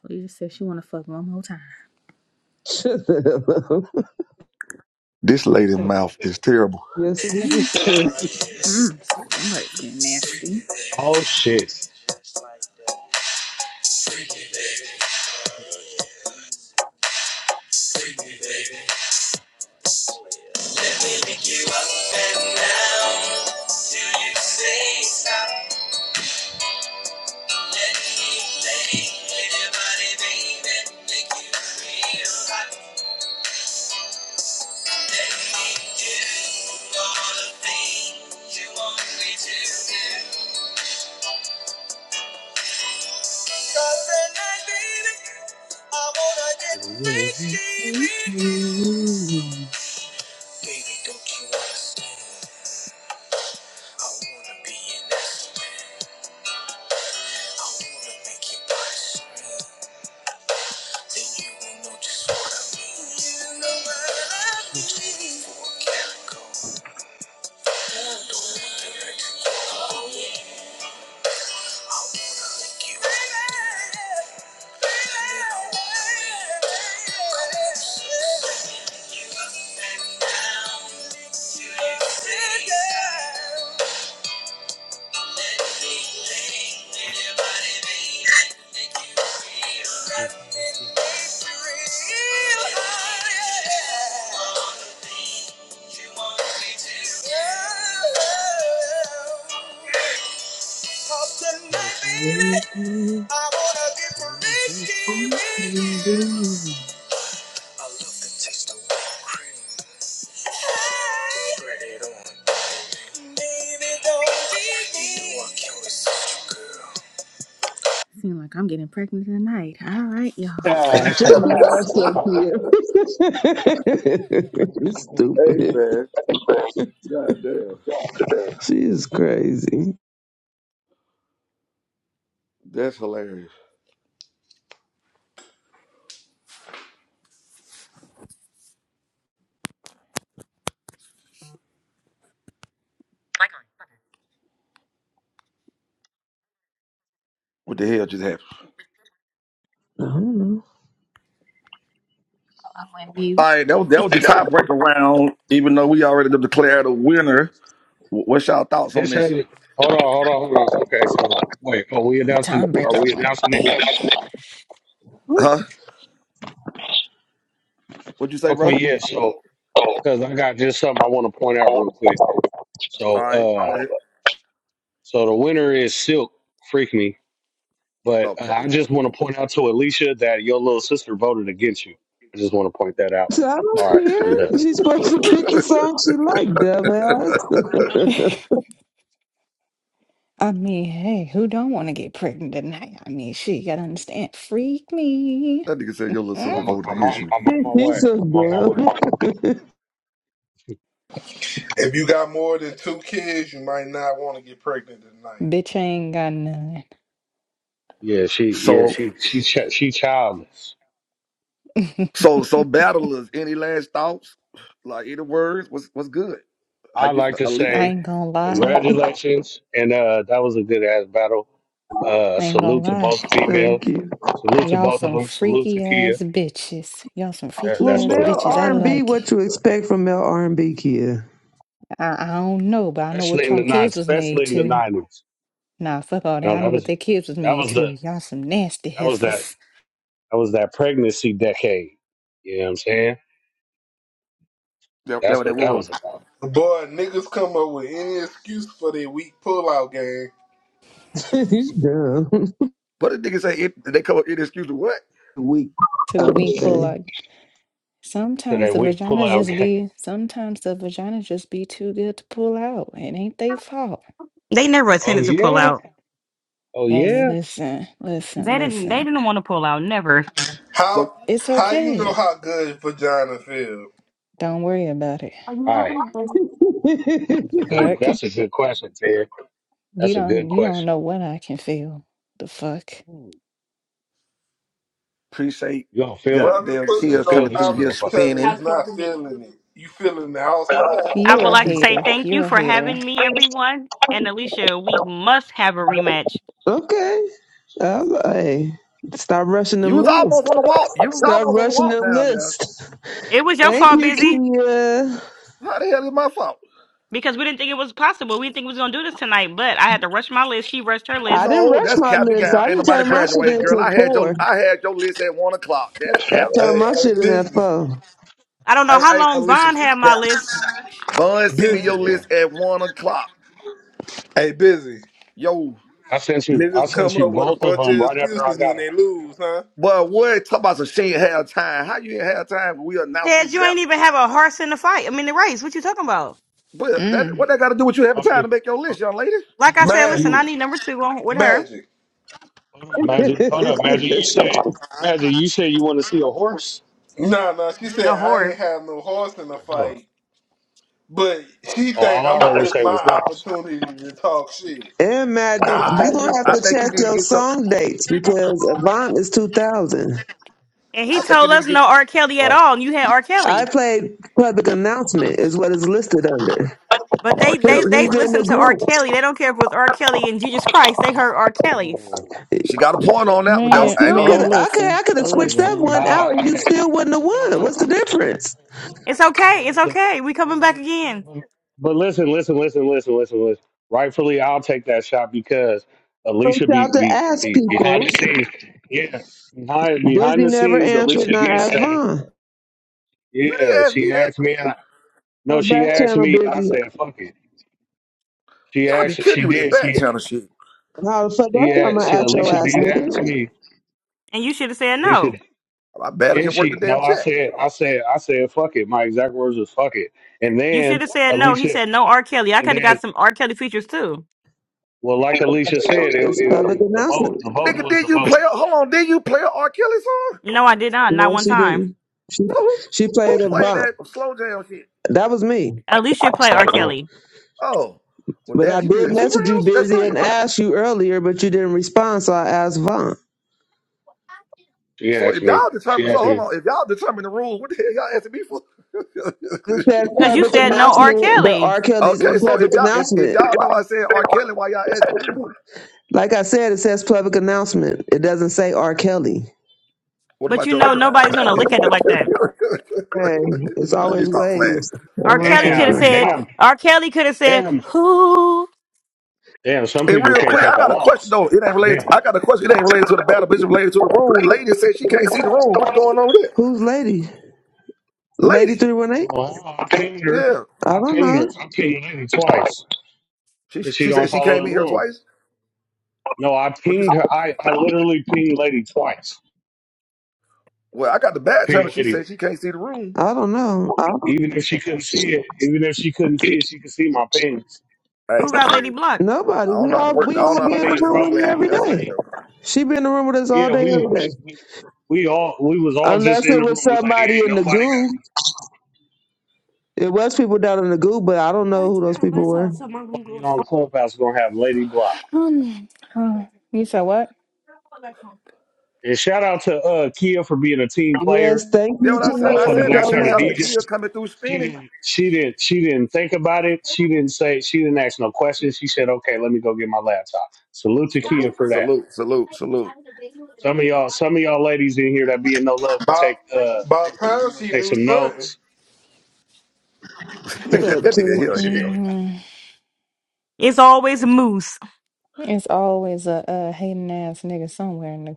I: Lisa said she want to fuck one more time.
C: Shut up.
D: This lady's mouth is terrible.
C: Yes, it is.
F: mm.
I: Mm, somebody getting nasty.
F: oh shit.
I: Baby, pick you up and down. Till you say stop. Let me play in your body, baby. Make you feel hot. Let me do all the things you want me to do. 'Cause tonight, baby, I wanna get freaky with you. I wanna be in this. I wanna make you bust me. Then you Just wanna be in the calico. You Tonight, baby. I wanna get risky with you. Hey, baby, don't leave me. Seem like I'm getting pregnant tonight. All right, y'all. Cast
C: Shut
I: your
C: your
I: votes.
F: Ah.
D: hey
C: ass up here. you stupid.
D: man. God damn.
C: She is crazy.
D: That's hilarious. What the hell just happened?
C: I don't know.
I: I went
D: All
I: mute.
D: right, that was that was the tiebreaker round. Even though we already declared a winner, Wh- what's y'all thoughts on
F: It's
D: this?
F: headed. Hold on, hold on, hold on. Okay, so wait, are we
I: The
F: announcing?
I: time
F: Are
I: breaker
F: we
I: went.
F: announcing it?
I: Damn.
D: Huh? What'd you say,
F: Okay,
D: bro?
F: yeah. So, because I got just something I want to point out real quick.
D: All
F: So,
D: right, go
F: uh,
D: ahead.
F: so the winner is Silk. Freak me. But uh,
D: Okay.
F: I just want to point out to Alicia that your little sister voted against you. I just want to point that out.
C: So I
F: All right,
C: don't
F: I'm done.
C: care. She's supposed to pick the song she like, dumbass.
I: I mean, hey, who don't want to get pregnant tonight? I mean, shit, you gotta understand. Freak me.
D: That nigga said your little
F: I'm
I: Mm.
D: sister
F: on, my-
D: voted
F: I'm
D: against
F: on,
D: you.
F: I'm on my way.
C: He's so
F: I'm on my way.
C: dumb.
Q: If you got more than two kids, you might not want to get pregnant tonight.
I: Bitch, I ain't got none.
F: Yeah, she, yeah,
D: So,
F: she, she, ch- she childless.
D: so, so, battlers. Any last thoughts? Like any words? What's what's good? How
F: I
D: you?
F: like to
D: At least
I: I
F: say
I: ain't gonna lie.
F: congratulations, and uh, that was a good ass battle. Uh, salute to both females.
C: Thank you.
F: Salute to both of them. Salute to Kia. That,
C: Well,
F: that's what it
C: male R and B, what you
F: was.
C: expect from male R and B, kid?
I: I, I don't know, but I know what
F: Especially in the nine, especially in the nineties. You know, that was
I: their kids was
F: that
I: made
F: was the
I: to. Y'all some nasty
F: that was that.
I: heifers.
F: That was that pregnancy decade. You know what I'm saying?
D: that, that
F: That's
D: what that
F: what that
D: was.
F: was about.
Q: Boy, niggas come up with any excuse for their weak pullout game.
C: He's dumb.
D: But the nigga say it, they come up inexcusable. What?
C: Weak.
I: To the wing pull out.
C: Okay.
F: To
I: Sometimes
F: that
I: the
F: weak
I: vagina
F: pullout
I: just
F: game.
I: be, sometimes the vagina just be too good to pull out. It ain't they fault.
F: Oh yeah? Oh
I: Hey,
F: yeah?
I: listen, listen.
D: So
Q: How
I: It's
Q: how you know
I: okay.
Q: how good vagina feel?
I: Don't
F: All right. That's a good
I: work.
F: that's a good question, Ted. That's
I: You
F: a good question.
I: don't feel the fuck.
F: Hmm.
D: appreciate
F: You gonna feel it.
Q: Rubbing
D: goddamn
F: You gonna
D: Kia
Q: pussies
F: feel
Q: on
D: coming
F: this
D: through
Q: top of
D: here
Q: each
F: motherfucker.
Q: other
D: spinning.
Q: is not feeling it. You feeling the outside.
I: You,
N: must have a rematch.
C: Okay. Um, hey, stop rushing
D: You
C: them
D: was
C: lists.
D: almost on the walk. You was
C: Stop
D: almost on the
C: rushing
D: walk
C: them
D: down there.
C: lists.
N: It was your
C: Thank
N: fault,
C: you,
N: busy,
C: Kia.
D: How the hell is my fault?
N: because we didn't think it was possible. We didn't think we was gonna do this tonight, but I had to rush my list. She rushed her
C: I
N: list.
C: didn't
D: No,
C: rush
D: that's
C: my
D: cap and
C: list.
D: gown.
C: I
D: Ain't
C: didn't
D: nobody
C: turn my shit
D: graduated,
C: into
D: girl. I had your
C: four.
D: I had your list at one o'clock. That's
C: I
D: cap.
C: turned
Q: Hey,
C: my
Q: hey,
C: shit in at
Q: busy,
C: four.
N: I don't
D: I,
N: know how
D: I
N: long
D: Alicia,
N: Vaughn
D: she
N: had my
D: cap.
N: list.
D: Von send me
Q: busy,
D: your
F: Yeah.
D: list at one o'clock.
Q: hey, busy.
D: Yo,
F: I sent you I
Q: Niggas
F: sent
Q: come
F: you
Q: up with a
F: both of
Q: bunch
F: them
Q: of
F: right after I
Q: excuses
F: got
Q: when
F: them.
Q: they lose, huh?
D: but what talk about some shit have time? How you ain't have time when we announced
N: Ted,
D: this battle? But that what
I: mm,
D: that got to do with you having
F: Oh
D: time
F: you
D: to make your
F: oh
D: list, young lady?
F: oh,
Q: Magic,
F: you
Q: magic.
F: hold up, Magic hold up, Magic, you said Magic, you said you want to see a horse?
Q: Nah, nah. She said I ain't have no horse in the
F: Huh.
Q: fight. But she
F: Oh
Q: think
F: all
Q: I'm
F: I
Q: gonna
F: heard her
Q: miss
F: say was
Q: my
F: horse.
Q: opportunity to talk shit.
C: and Magic,
D: I
Q: Nah,
D: think
C: you're
D: you need.
C: gonna have
D: I
C: to
D: think you
C: check
D: need to
C: your
D: get your.
C: song dates because Avant is two thousand.
N: and
D: I think you need to get.
F: Right.
C: I played public announcement is what is listed
D: What?
C: under.
D: R.
C: He-
D: Kelly, eh,
C: He's
D: but
C: in the group.
D: she got a point on that one
I: man,
C: I
D: though. I ain't
C: still
D: gonna
C: could
D: hold you.
C: I could I could have
I: hold
C: switched that
F: Yes,
I: on.
C: one out
F: God.
C: and
F: Hey,
C: you
F: hey,
C: still wouldn't have
F: no, no,
C: won. What's the
F: hey.
C: difference?
N: he- It's
F: Yeah,
N: okay. It's
F: that's the-
N: okay. We coming back
F: everybody-
N: again.
F: everybody- But listen, listen, listen, listen, listen, listen. Rightfully, I'll take that shot because
C: Reach
F: Alicia be
C: out to
F: be,
C: ask
F: be
C: people.
F: behind the scenes. Yeah, behind behind
C: Busy
F: the
C: never
F: scenes,
C: answered,
F: Alicia
C: not
F: did
C: ask
F: say,
C: Vaughn.
D: You didn't
F: yeah.
D: ask me
F: She
D: that.
F: asked me, and I,
C: Your
F: no,
C: back
F: she asked
C: channel
F: me, and I
C: busy.
F: said, fuck it. She
D: Y'all be
F: asked,
D: killing
F: she
D: me with this
F: did,
D: back
F: she
D: channel shit.
C: How the fuck that's
F: she
C: why I'm
F: asked, she
C: gonna ask your
F: Alicia
C: ass,
F: did ask
C: nigga.
F: me.
N: And you should have said no.
F: Alicia
D: I barely can
F: And
D: work the
F: she, no,
D: damn
F: I
D: chat.
F: said, I said, I said, fuck it. My exact words was fuck it. And
N: You should
F: then
N: have said no. He
F: Alicia,
N: said no. R. Kelly. I
F: and
N: could have got
F: then,
N: some R. Kelly features too.
F: well, like Alicia said, it,
C: It's public
F: it, the vote,
C: announcement.
F: the vote
D: Nigga,
F: was
D: did
F: the
D: you
F: vote.
D: play? Hold on, did you play a R. Kelly song?
N: No, I did not. Not
C: No,
N: one
C: she
N: time.
C: didn't. She
D: So who,
C: she
D: who
C: played a
D: played
C: Vaughn.
D: that slow jam shit?
C: That was me.
N: At least you
F: She
N: play R.
F: played the vote.
N: Kelly
D: Oh, well,
C: But I
D: damn, you did
C: did
D: it two
C: message you
D: rounds. That's
C: busy
D: crazy.
C: and ask you earlier, but you didn't respond, so I asked Vaughn.
F: She
D: So
F: asked
D: if
F: me,
D: y'all
F: she
D: determine, so
F: asked
D: hold
F: me,
D: on, if y'all determine the rules, what the hell y'all asking me for?
C: It says
N: because you
F: hey,
C: public
N: said no R.
C: announcement, but
N: Kelly.
C: R. Kelly's
D: okay,
C: in
D: so
C: public
D: if y'all if, if
C: announcement.
D: y'all know I said R. Kelly, why y'all asking me?
C: Like I said, it says public announcement. It doesn't say R. Kelly.
D: What
N: But
D: about
N: you
D: your
N: know
D: other round?
N: nobody's gonna look at it like that.
C: Hey, it's
D: Let me
C: always
D: stop playing.
C: ways
N: R.
C: around
N: Kelly could have
F: damn,
C: something.
N: said,
F: damn,
N: R. Kelly could have said,
F: damn,
N: who,
F: damn, some
D: And
F: people
D: real
F: can't
D: quick, I
F: take a
D: got a question
F: loss.
D: though. It ain't related.
F: Damn.
D: To, I got a question. It ain't related to the battle, but it's related to the room. Lady said she can't see the room. What's going on with that?
C: Who's lady? Lady
D: Lady,
C: three one eight?
F: Well, I pinged her.
D: yeah,
C: I
F: I
C: don't
F: pinged her. I
C: know.
F: pinged Lady twice
D: she
F: because she
D: she said
F: don't
D: she came
F: follow
D: in
F: the
D: here twice.
F: rules. No, I
D: What you say?
F: pinged her. I, I literally pinged Lady twice.
D: Well, I got the
F: I
D: bad channel.
F: pinged
D: She
F: Lady
D: said she can't see the room.
C: I don't know. I don't,
F: Even if she couldn't see it, even if she couldn't see it, she could see my pants.
D: Hey,
N: who
D: well,
N: got
D: shit.
N: Lady Blunt?
C: nobody.
D: I don't
C: We
D: know how to
C: all
D: work.
C: we
D: I don't know
C: all
D: how
C: be
D: to
C: in the
D: work
F: Nobody,
D: it, so
F: bro,
D: I'm
C: room with her
D: glad
F: ain't
D: you
C: every
D: answered
C: day.
D: that
F: nobody.
D: though.
C: She be in the room with us all
F: Yeah,
C: day
F: we,
C: every day.
F: we, we all, we was all just
C: Unless
F: in
C: it
F: the
C: was
F: room. We like,
C: somebody
F: ain't
C: in the
F: nobody got.
C: goo. It was people down in the goo, but I don't know who those people
F: ain't
C: were.
F: Nobody on Clubhouse gonna have Lady Block.
I: Um, oh, you said what?
F: And shout out to uh Kia for being a team player.
C: Yes, thank
D: You know
C: you,
D: what I said? I
C: Tia,
F: Motherfuckers
D: said, I
F: asked
C: so
F: her
D: said,
F: to
D: shout out to
C: much.
F: DJ.
D: Kia coming through
F: She
D: spinning.
F: didn't. She didn't. She didn't think about it. She didn't say. She didn't ask no questions. She said, "Okay, let me go get my laptop." Salute to Kia
D: Salute,
F: for that.
D: salute, salute, salute.
F: Some of y'all, some of y'all ladies in here that be in no love could
Q: about
F: take. uh
Q: about time she
F: Take
Q: do
F: some
Q: something.
F: notes.
D: Look at
C: Shut
D: that,
C: up,
D: that
C: Tia.
D: nigga
F: Oh,
D: hell hell.
F: shit.
I: hmm
N: It's always a moose.
I: It's always a, a hating ass nigga somewhere in the.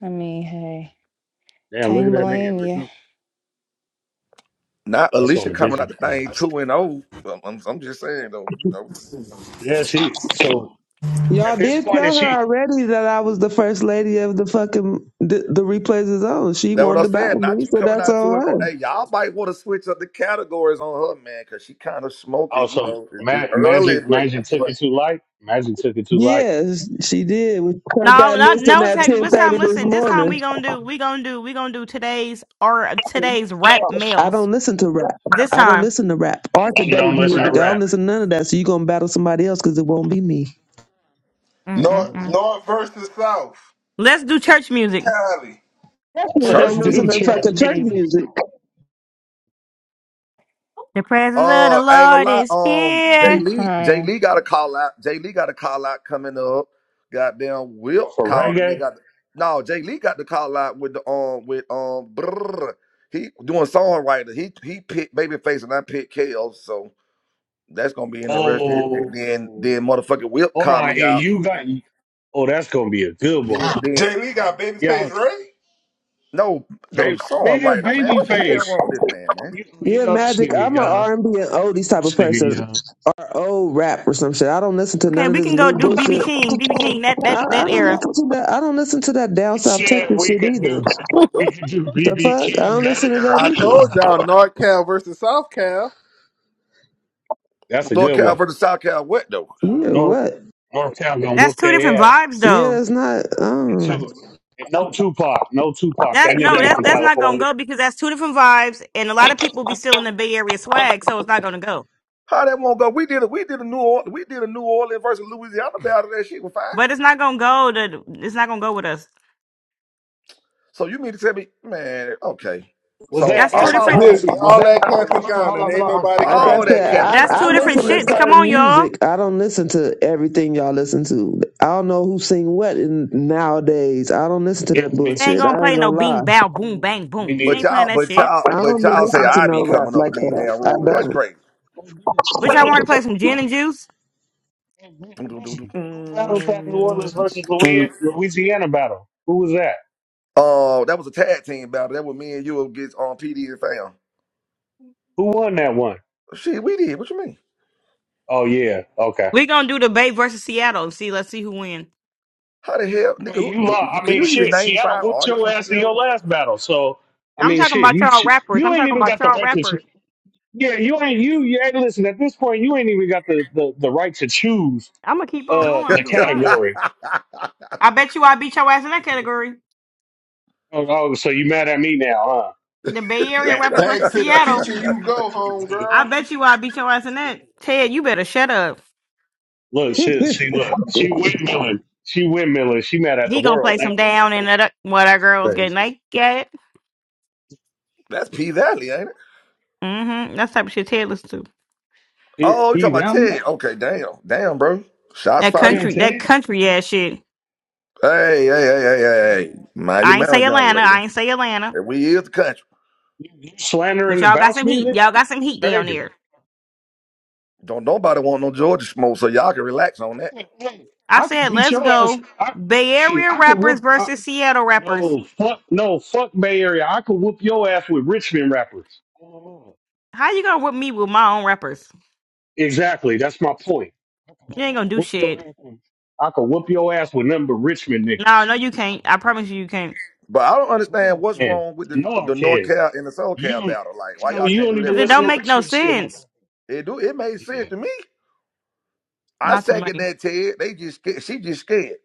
I: I mean, hey,
F: Damn, look at
I: can't
F: that nigga
I: blame
F: in the
I: you.
F: group.
D: Not
F: That's on
D: Alicia
F: the
D: coming out
F: business.
D: the thing two and oh. I'm, I'm, I'm just saying though, you know.
F: Yeah, she. So
C: Y'all
F: at this
C: did
F: point,
C: tell
F: is
C: her
F: she?
C: already that I was the first lady of the fucking the, the replays is on. She
D: That what
C: won
D: I
C: the battle
D: said. Not
C: me,
D: you
C: so
D: coming
C: that's
D: out two
C: on
D: and oh.
C: her.
D: Hey, y'all might want to switch up the categories on her, man, cause she kind of smoking. You
F: Also,
D: know, It-
F: Ma-
D: it's early,
F: Magic,
D: but
F: Magic took it too light. Magic took it too light.
C: Yes, she did. We turned
N: No,
C: that
N: not,
C: listing
N: no, it's
C: at
N: like,
C: ten
N: this
C: thirty
N: time,
C: this
N: listen, this time
C: morning.
N: we gonna do, we gonna do, we gonna do today's, or today's rap
C: I
N: males.
C: don't listen to rap.
N: This
C: I don't
N: time.
C: listen to rap or
F: She
C: today's
F: don't listen
C: music.
F: to
C: I don't
F: rap.
C: listen to none of that. So you gonna battle somebody else because it won't be me.
Q: North
N: Mm-mm-mm.
F: Mm.
Q: North versus South.
N: Let's do church music.
Q: Cali.
C: Definitely
F: Let's
C: don't
D: church
C: listen
F: do
D: music.
C: to
F: church
C: fucking church
F: music
C: music.
N: The presence of
D: Uh,
N: the
D: I ain't gonna
N: Lord
D: lie.
N: is
D: Um, Jay
I: I'm
N: here.
D: Lee, Jay
I: crying.
D: Lee got a call out. Jay Lee got a call out coming up. Goddamn, Will
F: for
D: called and they
F: reggae.
D: got. No, Jay Lee got the call out with the um with um. Brr, he doing songwriter. He he picked Babyface and I picked KO. So that's gonna be interesting. And then then
F: Oh,
D: motherfucking Will
F: hold
D: called
F: on.
D: me
F: And
D: out.
F: you got. Oh, that's gonna be a good one.
D: Then then
Q: Jay Lee got babyface
F: Yeah,
Q: right?
D: no the
F: baby, nigga,
D: songwriter man.
F: baby
D: What the hell
F: face.
D: wrong with this man man?
F: You, you
C: Yeah,
F: know this
C: magic.
F: nigga,
C: I'm an
F: y'all.
C: R and B and
F: You
C: oldies
F: know
C: type of
F: this nigga,
C: person,
F: y'all.
C: or old rap or some shit. I don't listen to
N: Okay,
C: none of
N: we
C: this
N: can go
C: new
N: do BB
C: bullshit.
N: King, BB King, that, that,
C: I,
N: that
C: I don't
N: era.
C: listen to that. I don't listen to that down south
F: Shit,
C: Texas
F: we
C: shit
F: could do
C: either.
F: we could do
C: The
F: BB
C: fuck, I
F: King
C: don't
F: that
C: listen to that
F: era.
Q: I told
C: either.
Q: y'all North Cal versus South Cal.
F: That's a
D: North
F: good
D: Cal
F: one.
D: versus South Cal. What though?
C: Yeah,
F: North
C: what?
F: North Cal gonna
N: That's
F: whoop
N: two different
F: their ass.
N: vibes
C: Yeah,
N: though.
C: it's not. Um,
F: Two and no Tupac, no Tupac.
N: That's
F: That nigga
N: no,
F: ain't
N: that's
F: from
N: that's not gonna
F: California.
N: go because that's two different vibes, and a lot of people be still in the Bay Area swag, so it's not gonna go.
D: How that won't go? We did a we did a New Orleans we did a New Orleans versus Louisiana battle. That shit was fine.
N: But it's not gonna go to it's not gonna go with us.
D: So you mean to tell me, man? Okay.
F: Was
D: So
F: that?
N: That's two
F: Hey,
D: I'm out
F: hey,
N: different
D: with
Q: Busy,
F: Busy, was
Q: all
F: that?
Q: that
F: Hold on,
Q: capping
F: hold on, hold
Q: gone and
F: on, hold
Q: ain't
F: on.
Q: nobody
C: like I
D: all that
F: Hold
C: said,
D: cap
F: on.
D: and
C: I
Q: graduated.
N: that's
D: guy. Ain't
C: I
N: two
D: nobody
N: different
C: listen to
N: shits.
D: graduate.
N: Come
C: certain
N: on, y'all.
C: music. I don't listen to everything y'all listen to. I don't know who sing what in, nowadays. I don't listen to
F: Yeah,
C: that
N: She
F: me,
N: ain't
C: bullshit.
N: gonna
C: I
N: play
C: ain't
N: no
C: gonna
N: bing
C: lie.
N: bow boom
F: me
N: bang boom. She
D: But
F: neither.
N: ain't playing
D: y'all,
N: that
D: but
N: shit.
D: y'all,
C: I
D: but
C: don't be
D: y'all say
C: listening to
D: I be
C: no rap
D: coming up
C: like
D: with these
C: that.
D: damn
C: I
D: rules. That's
C: don't.
D: crazy.
F: Who,
N: Wish I
F: who,
N: want her to play some gin and juice.
F: who battled that New Orleans versus Louis- Louisiana battle? Who was that?
D: Oh, that was a tag team battle. That was me and you against on PD and Fam.
F: Who won that one?
D: Shit, we did. What you mean?
F: Oh yeah, okay.
N: We gonna do the Bay versus Seattle see let's see who win.
D: How the hell,
F: I
D: nigga?
F: mean,
D: Who,
F: you
D: do,
F: lost. I
D: can
F: mean,
D: you even
F: shit,
D: name
F: Seattle
D: five
F: whooped
D: artists
F: your
D: from
F: ass in
D: Seattle?
F: your last battle. So, I
N: I'm
F: mean,
N: talking
F: shit,
N: about
F: you
N: y'all rappers.
F: you
N: I'm
F: ain't
N: talking
F: even
N: about
F: got the
N: y'all
F: right to. choo-
N: rappers.
F: Yeah, you ain't you. you hey, listen, at this point, you ain't even got the the, the right to choose
N: I'm gonna keep on going.
F: uh
N: I don't
F: the
N: give a fuck.
F: category.
N: I bet you I beat your ass in that category.
F: Oh, oh, so you mad at me now, huh?
N: The Bay Area rappers
Q: Back
N: versus
Q: to the
N: Seattle.
Q: kitchen
F: Damn.
Q: you go, home
N: I
Q: girl.
N: bet you I beat your ass in that. Ted, you better shut up.
F: Look, shit, she look, she windmilling, she windmilling, she mad at the
N: He gonna play
F: world.
N: some
F: That's
N: down and that what our girls get
F: crazy.
N: naked.
D: That's P Valley, ain't it?
N: Mm-hmm. That's the type of shit Ted listens to.
F: Shit,
D: Oh, you
F: P
D: talking about
F: Valley,
D: Ted? Okay, damn, damn, bro. Shots
N: That
F: damn,
D: fired.
N: country, that
F: damn.
N: country ass shit.
D: Hey, hey, hey, hey, hey, hey. Mind your
N: I ain't
D: manners,
N: say
D: young
N: Atlanta.
D: lady.
N: I ain't say Atlanta.
D: And we is the country.
F: You
N: But
F: slandering the
N: y'all got
F: bounce
N: some heat.
F: music,
N: Y'all got some heat down
F: crazy.
N: there.
D: Don't nobody want no Georgia smoke, so y'all can relax on that.
F: Hey, hey,
N: I
F: I could
N: said,
F: beat
N: let's
F: your ass.
N: go.
F: I,
N: Bay
F: hey,
N: Area
F: I could
N: rappers
F: whoop. I,
N: versus Seattle rappers.
F: no, fuck, no, fuck Bay Area. I could whoop your ass with Richmond rappers. Oh.
N: How you gonna whip me with my own rappers?
F: Exactly. That's my point. I could I
N: You
F: could
N: ain't gonna do
F: whoop your
N: shit.
F: ass. with- I could whoop your ass with nothing but Richmond
N: No,
F: niggas.
N: no, you can't. I promise you, you can't.
D: But I don't understand
F: Oh.
D: what's
F: And
D: wrong with the
F: no, I
D: the North
F: can.
D: Cal and the South
F: You,
D: Cal
F: don't-
D: battle. Like,
F: I
D: why
F: know
D: y'all
F: you
D: can't
F: don't
D: do that
F: even
N: Cause
D: for
N: it
D: real?
F: listen
N: don't
F: to
N: make no
F: Richmond shit like I
N: sense.
F: do.
D: It do. It made sense
F: Yeah.
D: to me. I
N: Not to
D: second
N: me.
D: that Ted. They just scared. she just scared.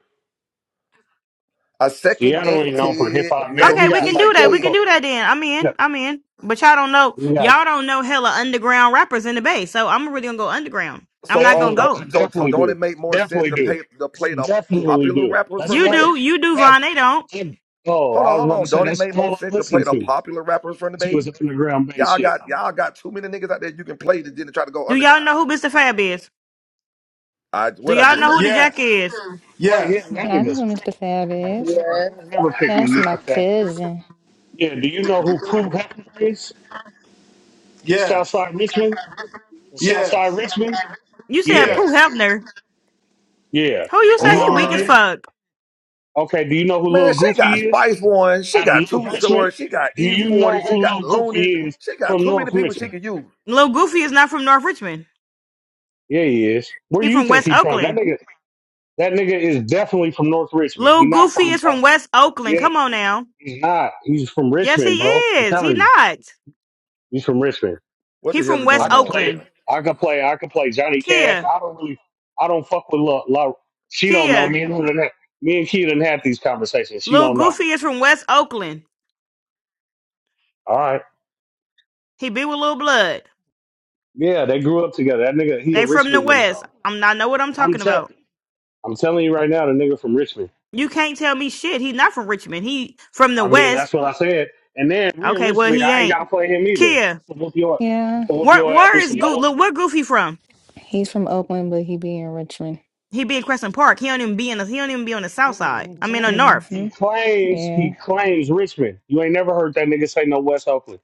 D: I second
F: Seattle
D: that
F: ain't known for hip
D: Ted.
F: hop, nigga.
N: Okay,
F: We
D: Magic
N: we
F: got
N: can
D: just
N: do
F: like,
N: that. We can
D: scared.
N: do that then. I'm in. I'm in. But y'all don't know.
F: we got,
N: Y'all don't know hella underground rappers in the Bay. So I'm really gonna go underground.
F: I
N: I'm
D: So
N: not
D: uh,
N: gonna
F: definitely,
N: go.
F: I
D: don't so, so
F: definitely
D: don't it
F: do.
D: make more sense
F: Definitely
D: to
F: do.
D: pay to
F: I
D: play the
F: definitely
D: popular
F: do.
D: rappers
F: That's
D: from the
N: You
D: Bay?
F: all.
N: do, you do,
F: That.
N: Von. They don't.
F: and- oh,
D: Hold
F: I
D: on,
F: was
D: hold
F: about to
D: on.
F: say
D: Don't it
F: that's
D: make
F: all
D: more
F: I
D: sense to play
F: listened
D: the
F: to
D: popular rappers from the
F: since he
D: Bay?
F: was underground bass
D: Y'all
F: shit.
D: got y'all got too many niggas out there you can play that didn't try to go
N: Do y'all
D: underground.
N: know who Mr. Fab is?
D: I
N: Do
D: what I
N: y'all
D: just
N: know
D: say?
N: who the Jack
Q: Yes,
N: is?
F: Right here,
Q: yes,
F: that
I: Yeah, I know
F: nigga's.
I: who
F: fat.
I: Mr. Fab
F: That nigga's
I: is.
F: fat.
G: Yeah.
F: I'll never pick no
I: That's my
F: Mr. Fat.
I: cousin.
F: Yeah. Do you know who Pooh Hefner is?
Q: yes,
F: Southside Richmond. Southside
Q: yes,
F: Richmond.
N: You said
F: Yeah.
N: Pooh
Q: yes.
N: Hefner.
F: Yeah.
N: Who you
Q: Oh,
F: Do you
N: say
F: know
N: he
F: who
Q: all
N: weak
F: that
N: as
Q: right.
F: is?
N: fuck?
F: Okay. Do you know who
D: Man,
F: Little
D: she got
F: Goofy is?
D: Spice One, she
F: Out of
D: got
F: North
D: Two
F: Richmond.
D: Short, she got
F: Do
D: E
F: you
D: Forty,
F: know
D: she
F: who
D: got
F: Little
D: Looney,
F: Goofy is
D: she got
F: from
D: too
F: North
D: many people
F: Richmond?
D: she could use.
N: Lil Goofy is not from North Richmond.
F: Yeah, he is. Where
N: He
F: you
N: from
F: think
N: West
F: he from? That
N: Oakland.
F: nigga, that nigga is definitely from North Richmond.
N: Lil
F: He not
N: Goofy
F: from.
N: is
F: Uh,
N: from West Oakland.
F: yeah,
N: Come on now.
F: he's not. He's from
N: Yes, he
F: Richmond, bro. I'm
N: is. He
F: telling you,
N: not.
F: he's from Richmond.
D: What
N: He
D: the hell
N: from
D: is
N: West
F: I
D: going
F: can
D: on right
F: play.
N: Oakland.
D: now?
F: I can play. I can play Johnny Cash.
N: Kia,
F: I don't really. I don't fuck with La. La she don't know
N: Kia.
F: me and who done had- me and Key didn't have these conversations. She
N: Lil
F: don't know.
N: Goofy is from West Oakland.
F: All right.
N: He be with Lil Blood.
F: Yeah, they grew up together. That nigga, he a
N: They from the
F: Richmond nigga
N: West.
F: though.
N: I'm not know what I'm
F: I'm
N: talking about.
F: telling. I'm telling you right now, the nigga from Richmond.
N: You can't tell me shit. He not from Richmond. He from the
F: I mean,
N: West.
F: that's what I said. And then
N: Okay, well
F: realistically,
N: he
F: I ain't gotta
N: ain't.
F: play him either.
N: Kia,
F: I can Whoop your, I can
I: Yeah,
F: whoop
N: where
F: your ass
N: where
F: with
N: is
F: some
N: Goof?
F: old.
N: Look, where Goofy from?
I: he's from Oakland, but he be in Richmond.
N: He be in Crescent Park. He don't even be in the he don't even be on the South Side.
F: Oh, He
N: I mean, the
F: claims,
N: North.
F: he
I: Mm-hmm.
F: claims, he
I: Yeah.
F: claims Richmond. You ain't never heard that nigga say no West Oakland.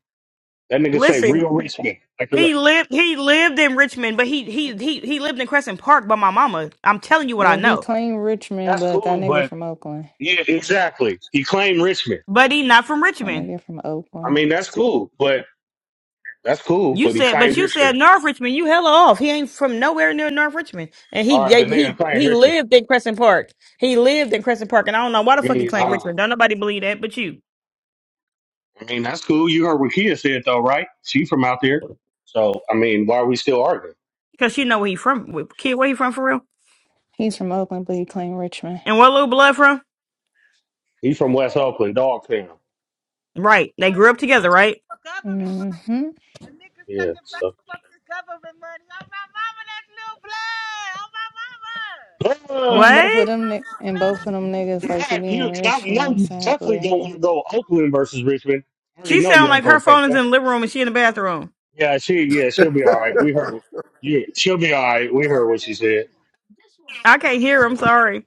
F: That nigga say
N: Listen,
F: real Richmond. Like the,
N: he lived he lived in Richmond, but he he he he lived in Crescent Park by my mama. I'm telling you what I
I: Yeah, he
N: know.
I: claimed Richmond,
F: that's
I: but that
F: cool,
I: nigga
F: but
I: from Oakland.
F: yeah, exactly. He claimed Richmond.
N: But he not from
I: That
N: Richmond.
I: nigga from
F: I
I: Oakland.
F: mean, that's cool, but that's cool,
N: You
F: but he
N: said,
F: claimed
N: but you
F: Richmond.
N: said North Richmond. You hella off. He ain't from nowhere near North Richmond, and he
F: All right, the
N: they,
F: nigga
N: he
F: claimed
N: he
F: Richmond.
N: lived in Crescent Park. He lived in Crescent Park, and I don't know why the
F: I
N: fuck he
F: mean,
N: claimed
F: uh,
N: Richmond. Don't nobody believe that, but you,
F: I mean, that's cool. You heard what Kia said though, right? She from out there, so I mean, why are we still arguing?
N: because you know where he from. Kid, where he from for real?
I: He's from Oakland, but he claimed Richmond.
N: And where Lil Blood from?
F: He's from West Oakland, Dogtown.
N: Right. They grew up together, right?
R: government money.
I: Mm-hmm.
R: The niggas
F: Yeah.
R: cooking back
F: So.
R: fuck this government money. Oh my mama, that's lil' blood. Oh my mama.
F: Uh,
I: And both of
N: What?
I: them ni-
R: Lil
I: and both
R: Blood
I: of them
F: matter of
I: niggas like to
F: fact,
I: be
F: you,
I: in
F: I know
I: Richmond,
F: you definitely
I: sadly.
F: don't want to go Oakland versus Richmond. I already
N: She
F: know you
N: sound
F: ain't
N: like
F: gonna
N: her phone
F: take
N: is
F: that.
N: in the living room and she in the bathroom.
F: Yeah, she, yeah, she'll be all right. We heard. Yeah, she'll be all right. We heard what she
R: government
F: said.
R: money.
N: I can't hear. I'm sorry.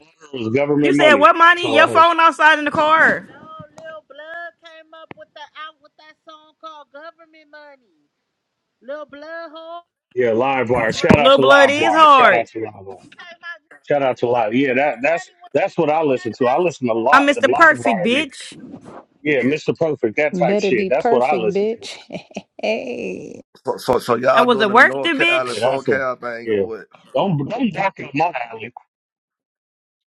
F: All I heard was
N: You
F: government
N: said
F: money.
N: what, Monty?
F: That's all I
N: Your
F: heard.
N: phone outside in the car.
R: No, Lil Blood came up with the out with that song called Government Money. Lil Blood Hole
F: Yeah, LiveWire. Shout out
N: Lil
F: to
N: Blood is
F: LiveWire. Shout out
N: hard.
F: to LiveWire.
R: he came out with that
F: Shout out to Live. Yeah, that
R: Government
F: that's
R: Money when
F: that's
R: it
F: what I listen
R: came
F: to. I
R: out.
F: listen a
N: I'm
F: lot to
N: Mr. Perfect,
F: LiveWire. nigga.
N: bitch.
F: Yeah,
R: Yes.
F: Mr. Perfect, that type
I: Better
F: shit.
I: be
F: That's what I
I: perfect,
F: listen to.
I: bitch. Hey.
D: So, so, so
N: I
D: y'all
N: was
D: doing
N: a
D: the North
N: worster,
D: Cal and
F: Yeah,
N: bitch.
D: South
F: that's a
D: Cal thing
F: yeah.
D: or what?
F: Don't don't back up my alley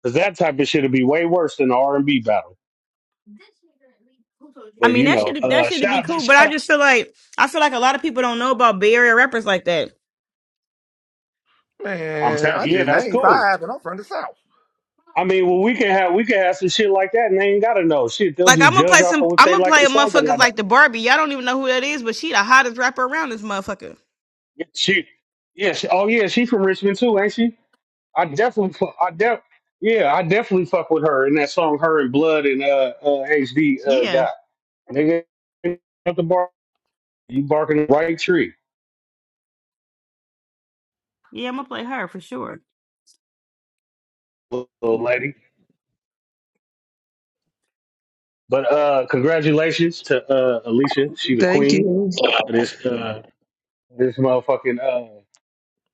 F: because that type of shit would be way worse than the R and B battle.
N: I
F: But
N: mean,
F: you
N: that
F: know,
N: should that
F: uh,
N: should be
F: shout out,
N: cool, but I
F: shout out.
N: just feel like I feel like a lot of people don't know about Bay Area rappers like that.
F: I'm
D: Man, I
F: telling, yeah,
D: just
F: that's
D: named
F: cool.
D: five and I'm from the South.
F: I mean, well, we can have we can have some shit like that, and they ain't gotta know shit. They'll
N: Like I'm
F: just
N: gonna
F: judge
N: play
F: off
N: some,
F: of if
N: I'm
F: they
N: gonna
F: like
N: play
F: the
N: a
F: songs or
N: motherfuckers
F: not.
N: like the Barbie. Y'all don't even know who that is, but she the hottest rapper around this motherfucker.
F: Yeah, She, yeah, she, oh yeah, she from Richmond too, ain't she? I definitely, fu- I def, yeah, I definitely fuck with her in that song, her and Blood and uh, uh HD uh
N: Yeah,
F: guy. Nigga, at the bar, you barking the right tree,
N: yeah, I'm gonna play her for sure.
F: little lady. But uh, congratulations to uh, Alicia. She the
C: Thank
F: queen
C: you.
F: of this uh, this motherfucking uh,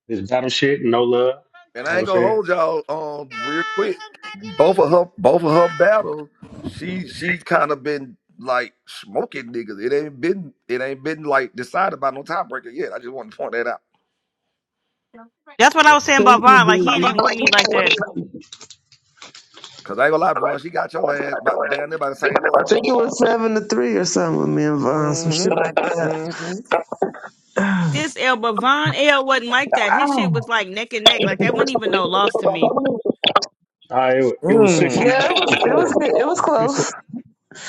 F: this battle shit. No love. You
D: And
F: know
D: I
F: what
D: ain't
F: I'm
D: gonna
F: saying?
D: hold y'all um real quick.
R: Congratulations.
D: Both of
R: Congratulations.
D: her both of her battles, she she kind of been like smoking niggas. It ain't been it ain't been like decided by no tiebreaker yet. I just want to point that out.
N: That's what
F: Uh,
N: I was saying
C: Thank
N: about
C: you,
N: Von. Like he ain't
C: baby.
N: even with me like that.
D: Cause I ain't gonna lie, bro, she got your ass by, down there by the same
C: I
D: margin.
C: think it was seven to three or something with me and Vaughn, some shit like
D: Mm-hmm.
C: that.
D: Mm-hmm.
N: This L, but Von L wasn't like that. His shit was
C: Oh,
N: like neck and neck. Like that wasn't even no loss to me.
F: it, wa- it was six
D: Mm.
F: and a
C: yeah, it
F: half to
C: was, it was
F: four.
C: good. It was
F: It was six
C: close.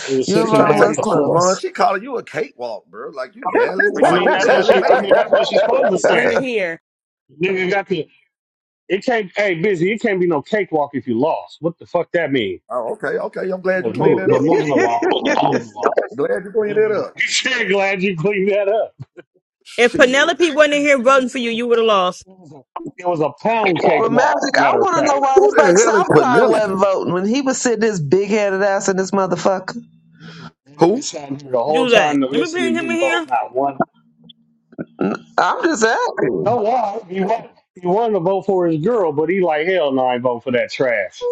F: it was
C: Your
D: She
F: six and
D: trying
F: a
D: to
C: rhyme
F: half
D: say,
C: was
F: to four.
D: Vaughn,
C: close.
D: she calling you a cakewalk, bro. Like you barely
F: I
D: like
F: mean,
D: you
F: that's what
D: barely
F: she. I
D: made it.
F: mean, that's what she's supposed to say. Nigga got the. It can't. Hey, busy. It can't be no cakewalk if you lost. What the fuck that mean?
D: Oh, okay, okay. I'm glad you
F: But,
D: cleaned
F: move,
D: that
F: but
D: up.
F: moving along. Moving along.
D: Glad you cleaned that
F: Moving
D: up.
F: along. glad you cleaned that up.
N: If
F: Yeah,
D: Shit.
F: a
N: Penelope wasn't in
F: pound-
N: here voting
F: oh,
N: for you,
F: a
N: you would have
F: pound-
N: lost.
F: it was a it was a pound cake
C: Well,
F: walk.
C: Magic, I
F: Matter of
C: want to know
F: fact,
C: why
D: Who
C: the fuck
D: the hell is
F: Yeah, it
C: Southside wasn't
D: Penelope?
F: was a-
C: voting when he was sitting his big headed ass in this
F: pound.
C: motherfucker.
F: Yeah. that nigga
D: Who?
F: sat here the whole
N: Do that.
F: time to
N: Let me
F: listen
N: bring
F: and
N: him in
F: didn't vote.
N: here.
F: Not one.
C: I'm just
F: No
C: asking.
F: lie, he wanted he wanted to vote for his girl, but he like hell no, I ain't vote for that trash.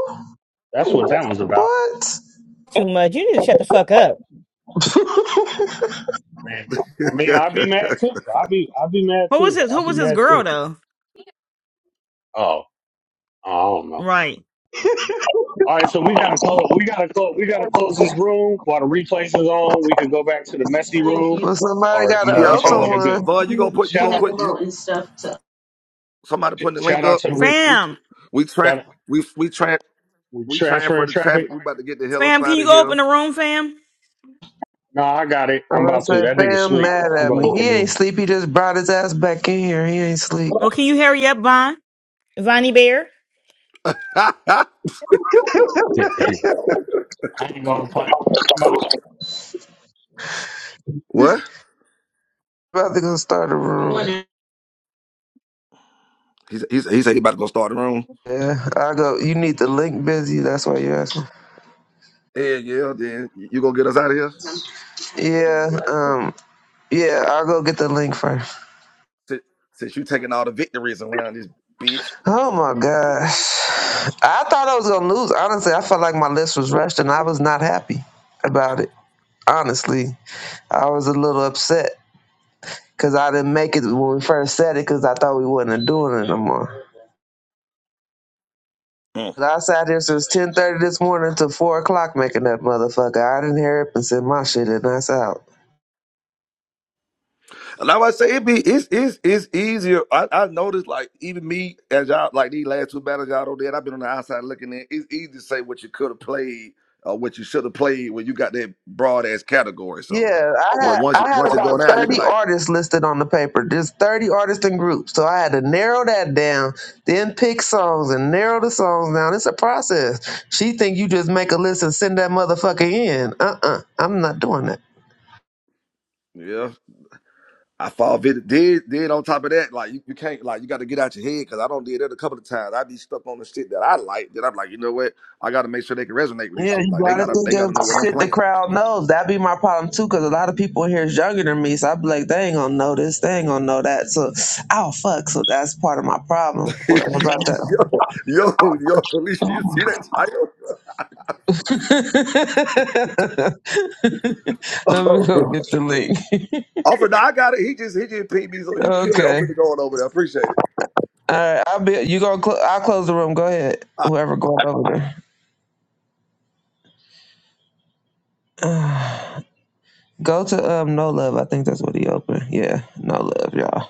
F: That's what that was about.
C: What?
N: Too much. You need to shut the fuck up.
F: I mean, I mean, I'd be mad too. I'd be I'd be mad
N: Who was
F: too.
N: his? Who
F: I'd be
N: was his
F: mad too.
N: girl though?
F: Oh, I don't know.
N: Right,
F: All right, so we gotta close. We gotta close. We gotta close this room while the replays is on. We could go back to the messy room,
C: well, somebody
F: or
C: got
F: you
C: an
F: know
D: yeah.
F: what
C: open
F: y'all
D: Uh,
F: want to do.
C: one.
D: Bud, you gonna put you
F: Shout
D: gonna
F: out,
D: put you somebody putting the link
F: shout out
D: up.
F: to the re-
D: We
N: fam.
D: we tra-
F: shout out,
D: we we tra-
F: we
D: we transfer
F: transferring
D: the
F: traffic.
D: traffic. We about to get the hell up
N: Fam, can
D: out
N: you
D: of
N: go
D: here.
N: open the room, fam?
F: No, I got it.
C: And
F: I'm
C: I
F: about to.
C: said,
F: That nigga
C: fam,
F: sleep.
C: mad
F: I'm
C: at
F: gonna
C: me.
F: open
C: He
F: the
C: ain't
F: room.
C: sleep. He just brought his ass back in here. He ain't sleep.
N: Well, can you hurry up, Von? Vonnie Bear.
F: I ain't gonna play. I'm about to.
D: what?
C: About to go start a room.
D: He said- he said he said he about to go start the room.
C: Yeah, I go. You need the link, busy. That's why you asking.
D: Yeah, yeah. Then you gonna get us out of here?
C: Yeah, um, yeah. I'll go get the link first.
D: Since, since you taking all the victories around this bitch.
C: Oh my gosh, I thought I was gonna lose. Honestly, I felt like my list was rushed, and I was not happy about it. Honestly, I was a little upset because I didn't make it when we first said it because I thought we wasn't doing it no more.
D: Mm.
C: But I sat here since ten thirty this morning to four o'clock making that motherfucker. I didn't hear it and sent my shit, and that's out.
D: And like I say, it be it's it's it's easier. I, I noticed like even me as y'all like these last two battles y'all don't did. I've been on the outside looking in. It's easy to say what you could have played or what you should have played when you got that broad ass category. So,
C: Yeah, I
D: but
C: had
D: once you,
C: I had
D: once it
C: about
D: going out, you be
C: thirty
D: like,
C: artists listed on the paper. There's thirty artists and groups, so I had to narrow that down, then pick songs and narrow the songs down. It's a process. She think you just make a list and send that motherfucker in. Uh uh-uh, uh, i am not doing that.
D: yeah, I fall vid- did did on top of that, like you, you can't like you got to get out your head because I don't did that a couple of times. I be stuck on the shit that I like. That I'm like, you know what? I got to make sure they can resonate with this
C: Yeah,
D: shit.
C: you
D: Like they
C: gotta
D: gotta
C: think
D: they gotta
C: of
D: know what I'm
C: shit the
D: playing.
C: crowd knows. That'd be my problem too, because a lot of people here is younger than me, so I'd be like, they ain't gonna know this, they ain't gonna know that. So, oh fuck, so that's part of my problem. What about that?
D: yo yo yo, Felicia, you see that
C: Let me
D: title?
C: go get the link.
D: Offer, now I got it. He just he just peed me, so you kill it. I'm
C: Okay.
D: finna go on over there. Appreciate it.
C: All right. I'll be. You gonna? Cl- I'll close the room. Go ahead. Whoever going over there. Go to um no love. I think that's what he opened. Yeah, no love, y'all.